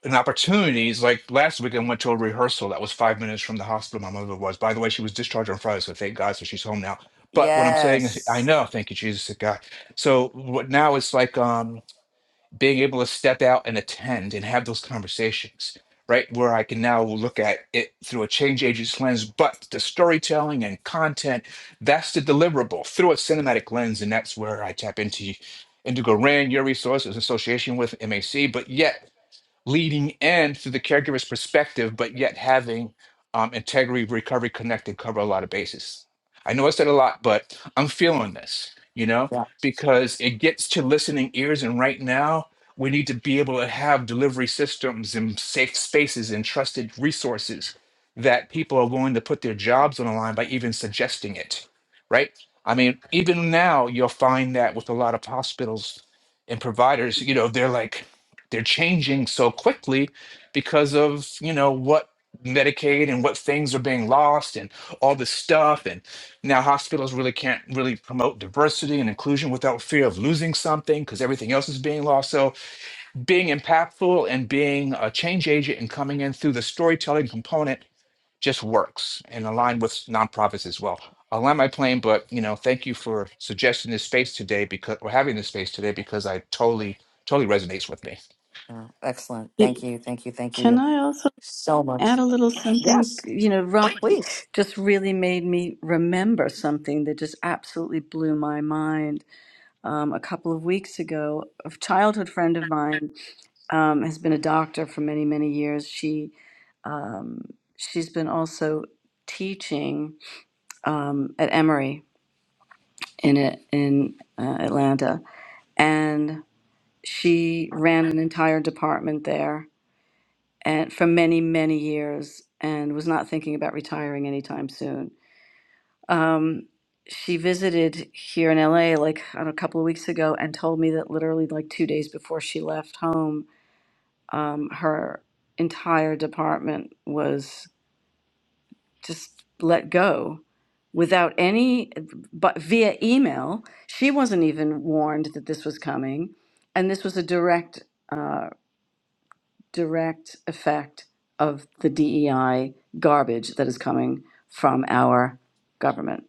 Speaker 4: and opportunities. Like last week, I went to a rehearsal that was five minutes from the hospital my mother was. By the way, she was discharged on Friday, so thank God, so she's home now. But what I'm saying is, I
Speaker 1: Yes.
Speaker 4: know, thank you, Jesus, thank God. So what now it's like um, being able to step out and attend and have those conversations, right? Where I can now look at it through a change agent's lens, but the storytelling and content, that's the deliverable through a cinematic lens, and that's where I tap into Indigo Rand, your resources, association with MAC, but yet leading in through the caregiver's perspective, but yet having um, integrity, recovery, connected cover a lot of bases. I know I said a lot, but I'm feeling this, you know,
Speaker 1: Yeah.
Speaker 4: because it gets to listening ears. And right now, we need to be able to have delivery systems and safe spaces and trusted resources that people are willing to put their jobs on the line by even suggesting it, right? I mean, even now, you'll find that with a lot of hospitals and providers, you know, they're like, they're changing so quickly because of you know what medicaid and what things are being lost and all this stuff and now hospitals really can't really promote diversity and inclusion without fear of losing something because everything else is being lost so being impactful and being a change agent and coming in through the storytelling component just works and aligned with nonprofits as well. I'll land my plane, but you know, thank you for suggesting this space today because or having this space today because I totally, totally resonates with me.
Speaker 1: Yeah. Excellent.
Speaker 7: It-
Speaker 1: Thank you. Thank you. Thank
Speaker 7: Can
Speaker 1: you
Speaker 7: I also?
Speaker 1: so much.
Speaker 7: add a little something.
Speaker 1: Yes,
Speaker 7: You know, Robert
Speaker 1: please.
Speaker 7: just really made me remember something that just absolutely blew my mind. Um, a couple of weeks ago, a childhood friend of mine um, has been a doctor for many, many years. She um, she's been also teaching um, at Emory in a, in uh, Atlanta, and she ran an entire department there and for many many years and was not thinking about retiring anytime soon um, she visited here in la like on a couple of weeks ago and told me that literally like two days before she left home um, her entire department was just let go without any but via email she wasn't even warned that this was coming and this was a direct uh, direct effect of the DEI garbage that is coming from our government.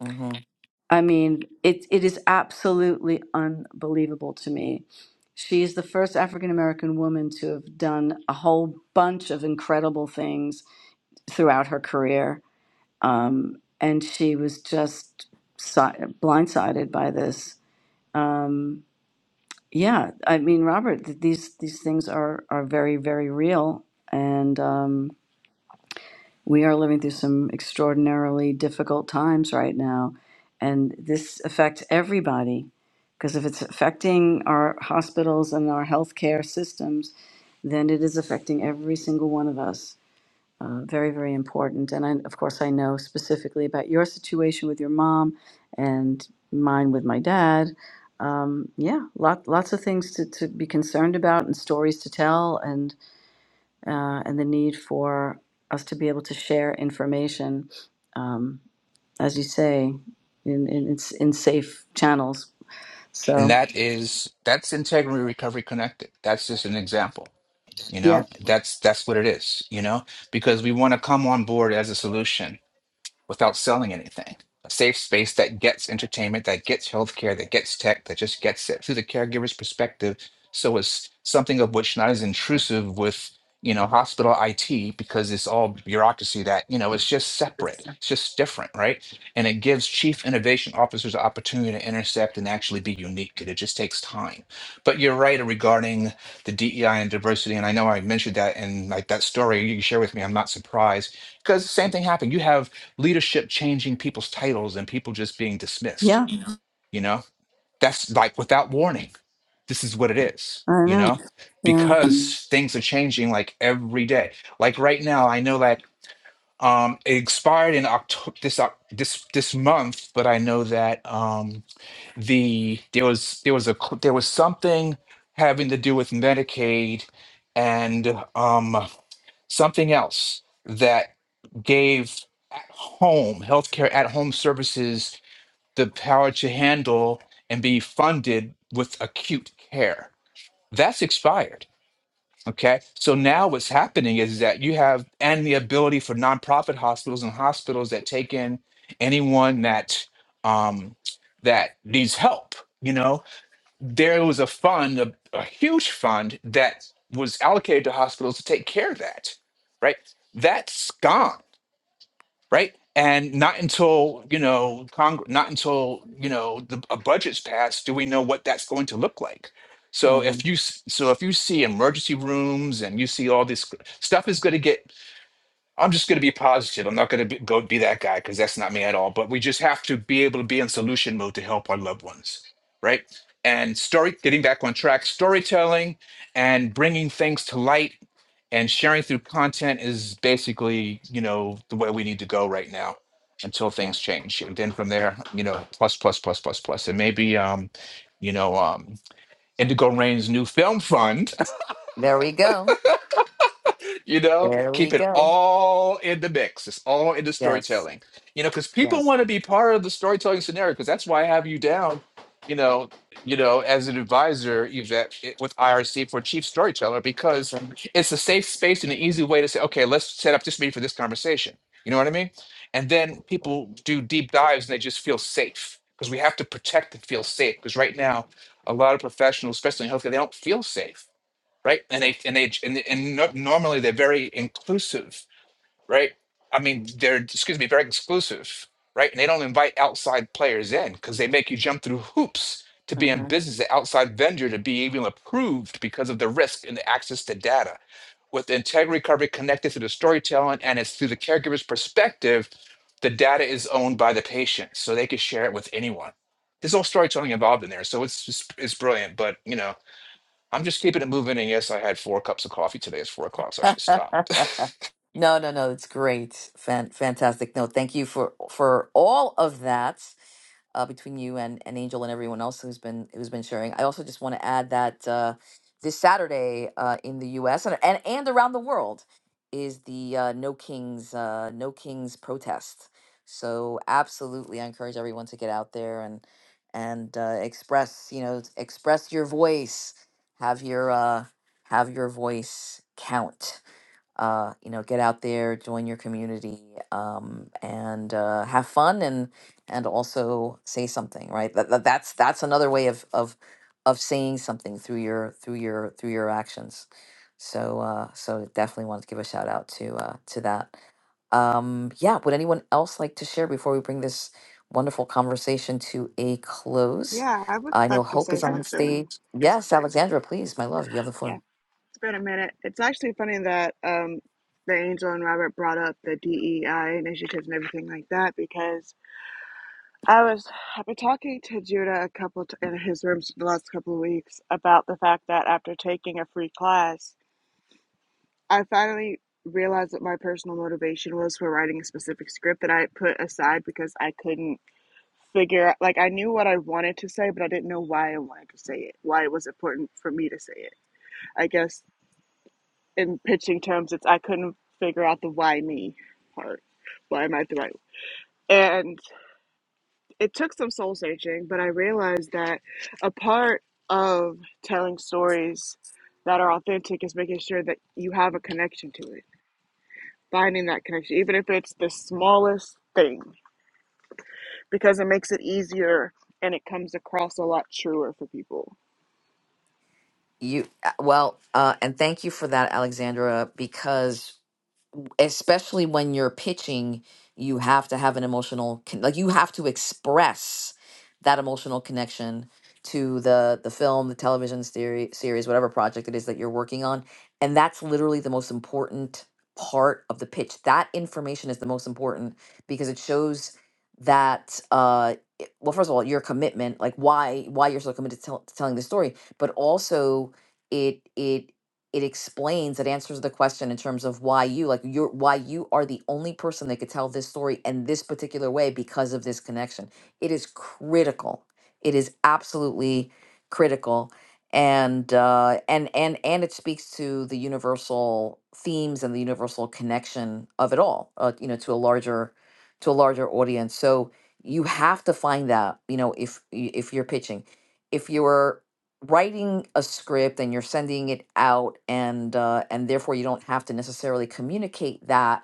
Speaker 1: hmm
Speaker 7: I mean, it, it is absolutely unbelievable to me. She is the first African American woman to have done a whole bunch of incredible things throughout her career. Um, and she was just si- blindsided by this. Um, yeah, I mean, Robert, th- these these things are are very very real, and um, we are living through some extraordinarily difficult times right now. And this affects everybody because if it's affecting our hospitals and our healthcare systems, then it is affecting every single one of us. Uh, very, very important. And I, of course, I know specifically about your situation with your mom and mine with my dad. Um, yeah, lot, lots of things to, to be concerned about and stories to tell. and uh, and the need for us to be able to share information, um, as you say, in, in in in safe channels.
Speaker 4: And
Speaker 7: So
Speaker 4: that is that's integrity recovery connected. That's just an example. You
Speaker 7: yeah,
Speaker 4: know, that's that's what it is, you know, because we want to come on board as a solution. without selling anything. A safe space that gets entertainment, that gets healthcare, that gets tech, that just gets it through the caregiver's perspective. So it's something of which not as intrusive with, you know, hospital IT because it's all bureaucracy that, you know, it's just separate. It's just different, right? And it gives chief innovation officers the opportunity to intercept and actually be unique. And it just takes time. But you're right regarding the DEI and diversity. And I know I mentioned that in like that story you share with me. I'm not surprised because the same thing happened. You have leadership changing people's titles and people just being dismissed
Speaker 7: yeah,
Speaker 4: you know that's like without warning this is what it is
Speaker 7: I
Speaker 4: you
Speaker 7: know.
Speaker 4: know
Speaker 7: Yeah,
Speaker 4: because things are changing like every day like right now i know that um it expired in october this Oc- this this month but i know that um the there was there was a cl- there was something having to do with medicaid and um something else that gave at home healthcare at home services the power to handle and be funded with acute care that's expired okay so now what's happening is that you have and the ability for nonprofit hospitals and hospitals that take in anyone that um that needs help you know there was a fund, a, a huge fund that was allocated to hospitals to take care of that, right? That's gone, right? And not until you know, Cong- not until you know, the, a budget's passed, do we know what that's going to look like. So
Speaker 1: hmm
Speaker 4: if you s- so if you see emergency rooms and you see all this stuff is going to get I'm just going to be positive. I'm not going to be, go be that guy because that's not me at all. But we just have to be able to be in solution mode to help our loved ones, right? And story, getting back on track, storytelling and bringing things to light and sharing through content is basically, you know, the way we need to go right now until
Speaker 1: Yeah.
Speaker 4: things change. And then from there, you know, plus, plus, plus, plus, plus. And maybe, um, you know, um, Indigo Rain's new film fund
Speaker 1: There we go.
Speaker 4: *laughs* you know,
Speaker 1: There we
Speaker 4: keep it
Speaker 1: go.
Speaker 4: all in the mix. It's all in the
Speaker 1: Yes.
Speaker 4: storytelling. You know, because people
Speaker 1: Yes.
Speaker 4: want to be part of the storytelling scenario. Because that's why I have you down. You know, you know, as an advisor, Yvette, i- with IRC for chief storyteller, because it's a safe space and an easy way to say, okay, let's set up this meeting for this conversation. You know what I mean? And then people do deep dives and they just feel safe because we have to protect and feel safe. Because right now, a lot of professionals, especially in healthcare, they don't feel safe right? And they and they and, and no, normally they're very inclusive, right? I mean, they're excuse me, very exclusive, right? And they don't invite outside players in because they make you jump through hoops to be in
Speaker 1: hmm
Speaker 4: business, the outside vendor to be even approved because of the risk and the access to data. With Integrity Recovery connected to the storytelling and it's through the caregiver's perspective, the data is owned by the patient, so they can share it with anyone. There's all storytelling involved in there, so it's it's, it's brilliant. But you know, I'm just keeping it moving. And yes, I had four cups of coffee today. It's four o'clock, so I should stop.
Speaker 1: No, no, no. It's great. Fan- fantastic. No, thank you for for all of that. uh, between you and, and Angel and everyone else who's been who's been sharing. I also just want to add that uh, this Saturday uh, in the U.S. and and, and around the world is the uh, No Kings uh, No Kings protest. So absolutely, I encourage everyone to get out there and and uh, express you know express your voice, have your uh, have your voice count uh, you know, get out there, join your community, um, and uh, have fun, and and also say something, right? That, that that's that's another way of of of saying something through your through your through your actions. So uh, so definitely wanted to give a shout out to uh, to that. Um, yeah, would anyone else like to share before we bring this wonderful conversation to a close?
Speaker 8: Yeah, I would
Speaker 1: I know
Speaker 8: like to
Speaker 1: Hope
Speaker 8: say
Speaker 1: is on the
Speaker 8: something.
Speaker 1: stage. Yes, Alexandra, please, my love, you have the
Speaker 8: Yeah,
Speaker 1: floor.
Speaker 8: it's been a minute. It's actually funny that um, the Angel and Robert brought up the DEI initiatives and everything like that because I was I've been talking to Judah a couple t- in his rooms the last couple of weeks about the fact that after taking a free class, I finally realized that my personal motivation was for writing a specific script that I put aside because I couldn't figure like I knew what I wanted to say, but I didn't know why I wanted to say it, why it was important for me to say it. I guess in pitching terms, it's I couldn't figure out the why me part. Why am I the right? And it took some soul searching, but I realized that a part of telling stories that are authentic is making sure that you have a connection to it, finding that connection, even if it's the smallest thing, because it makes it easier and it comes across a lot truer for people
Speaker 1: You uh, well, uh, and thank you for that, Alexandra, because especially when you're pitching, you have to have an emotional con- like you have to express that emotional connection to the the film, the television series, series, whatever project it is that you're working on, and that's literally the most important part of the pitch. That information is the most important because it shows that uh it- well first of all your commitment like why why you're so committed to, tell, to telling the story but also it it it explains it answers the question in terms of why you like you're why you are the only person that could tell this story in this particular way because of this connection it is critical it is absolutely critical and uh and and and it speaks to the universal themes and the universal connection of it all uh, you know to a larger to a larger audience so you have to find that you know if y- if you're pitching if you're writing a script and you're sending it out and uh, and therefore you don't have to necessarily communicate that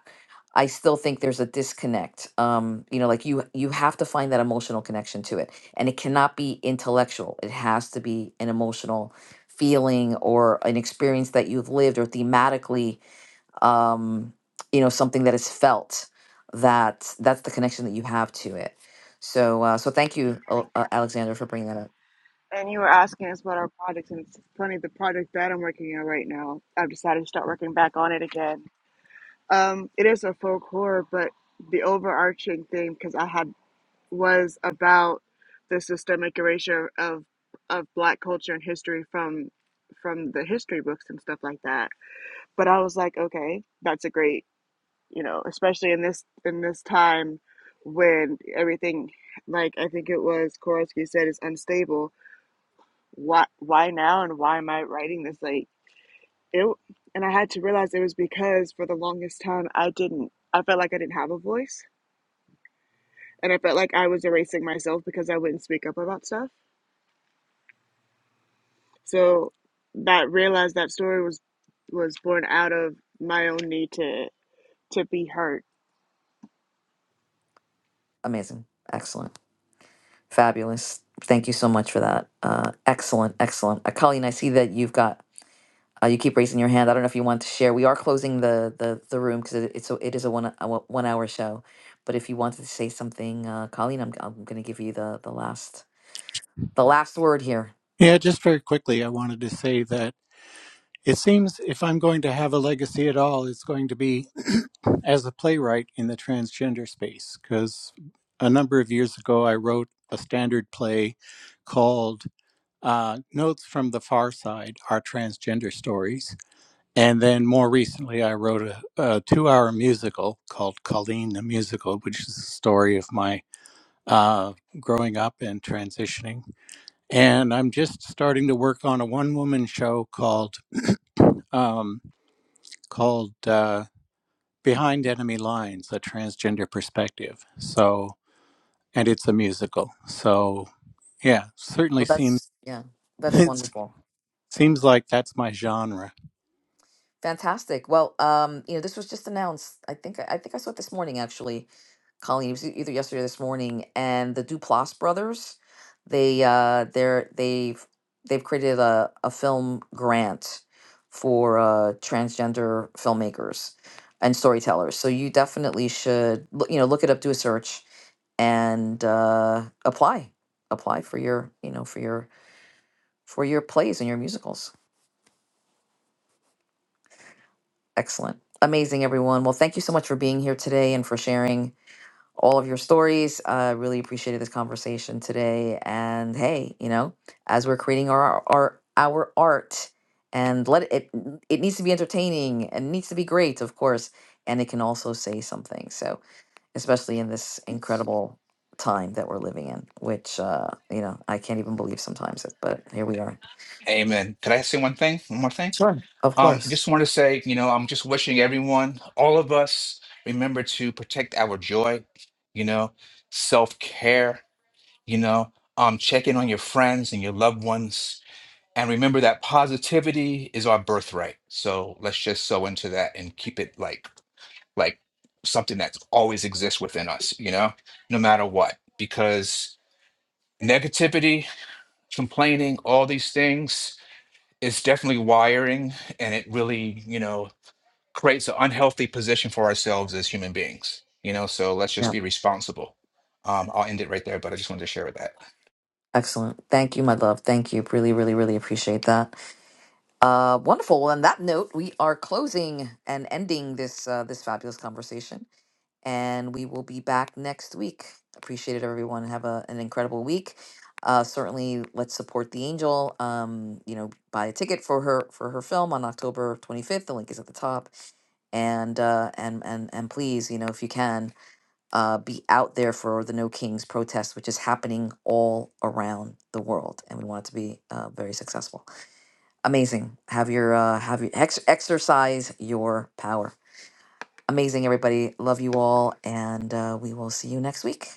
Speaker 1: i still think there's a disconnect um, you know like you you have to find that emotional connection to it and it cannot be intellectual it has to be an emotional feeling or an experience that you've lived or thematically um, you know something that is felt that that's the connection that you have to it so uh, so thank you Al- uh, alexander for bringing that up
Speaker 8: And you were asking us about our products, and it's funny, the product that I'm working on right now, I've decided to start working back on it again. Um, it is a folk horror, but the overarching theme, because I had was about the systemic erasure of of Black culture and history from from the history books and stuff like that. But I was like, okay, that's a great, you know, especially in this in this time when everything, like I think it was Korosky said, is unstable why why now and why am I writing this like it and I had to realize it was because for the longest time I didn't I felt like I didn't have a voice and I felt like I was erasing myself because I wouldn't speak up about stuff so that realized that story was was born out of my own need to to be heard
Speaker 1: amazing excellent Fabulous. Thank you so much for that. Uh, excellent, excellent. Uh, Colleen, I see that you've got. Uh, you keep raising your hand. I don't know if you want to share. We are closing the the, the room because it, it's a, it is a one a one hour show. But if you wanted to say something, uh, Colleen, I'm I'm going to give you the the last the last word here.
Speaker 10: Yeah, just very quickly, I wanted to say that it seems if I'm going to have a legacy at all, it's going to be *clears throat* as a playwright in the transgender space. Because a number of years ago, I wrote a standard play called uh, Notes from the Far Side Our Transgender Stories. And then more recently, I wrote a, a two hour musical called Colleen the Musical, which is the story of my uh, growing up and transitioning and I'm just starting to work on a one-woman show called um, called uh, Behind Enemy Lines: A Transgender Perspective. So, and it's a musical. So, yeah, certainly
Speaker 1: Well,
Speaker 10: seems
Speaker 1: that's yeah,
Speaker 10: *laughs*
Speaker 1: that's
Speaker 10: it
Speaker 1: wonderful. Yeah,
Speaker 10: seems like that's my genre.
Speaker 1: fantastic. Well, um, you know, this was just announced. I think I think I saw it this morning actually Colleen, it was either yesterday or this morning, and the Duplass brothers, they uh they're they've they've created a, a film grant for uh transgender filmmakers and storytellers. So you definitely should loo- you know look it up, do a search and uh apply. Apply for your, you know, for your for your plays and your musicals. Excellent. Amazing everyone. Well, thank you so much for being here today and for sharing all of your stories. I uh, really appreciated this conversation today. And hey, you know, as we're creating our our our art, and let it it needs to be entertaining and needs to be great, of course, and it can also say something. So, especially in this incredible time that we're living in, which uh, you know, I can't even believe sometimes. it, But here we are.
Speaker 4: *laughs* Amen. Could I say one thing? One more thing?
Speaker 1: Sure, of
Speaker 4: Um, I
Speaker 1: course.
Speaker 4: just want to say, you know, I'm just wishing everyone, all of us, remember to protect our joy, you know, self care, you know, um, check in on your friends and your loved ones. And remember that positivity is our birthright. So let's just sow into that and keep it like, like something that always exists within us, you know, no matter what, because negativity complaining, all these things is definitely wiring and it really, you know, creates an unhealthy position for ourselves as human beings. You know, so let's just
Speaker 1: Yeah,
Speaker 4: be responsible. Um, I'll end it right there, but I just wanted to share that.
Speaker 1: excellent. Thank you, my love. Thank you. Really, really, really appreciate that. Uh, wonderful. Well, on that note, we are closing and ending this uh, this fabulous conversation. and we will be back next week. Appreciate it, everyone. Have a, an incredible week. Uh, certainly, let's support the angel. Um, you know, buy a ticket for her for her film on October 25th. The link is at the top. And uh, and and and please, you know, if you can, uh, be out there for the No Kings protest, which is happening all around the world, and we want it to be uh, very successful. Amazing. Have your uh, have your ex- exercise your power amazing, everybody. Love you all, and uh, we will see you next week.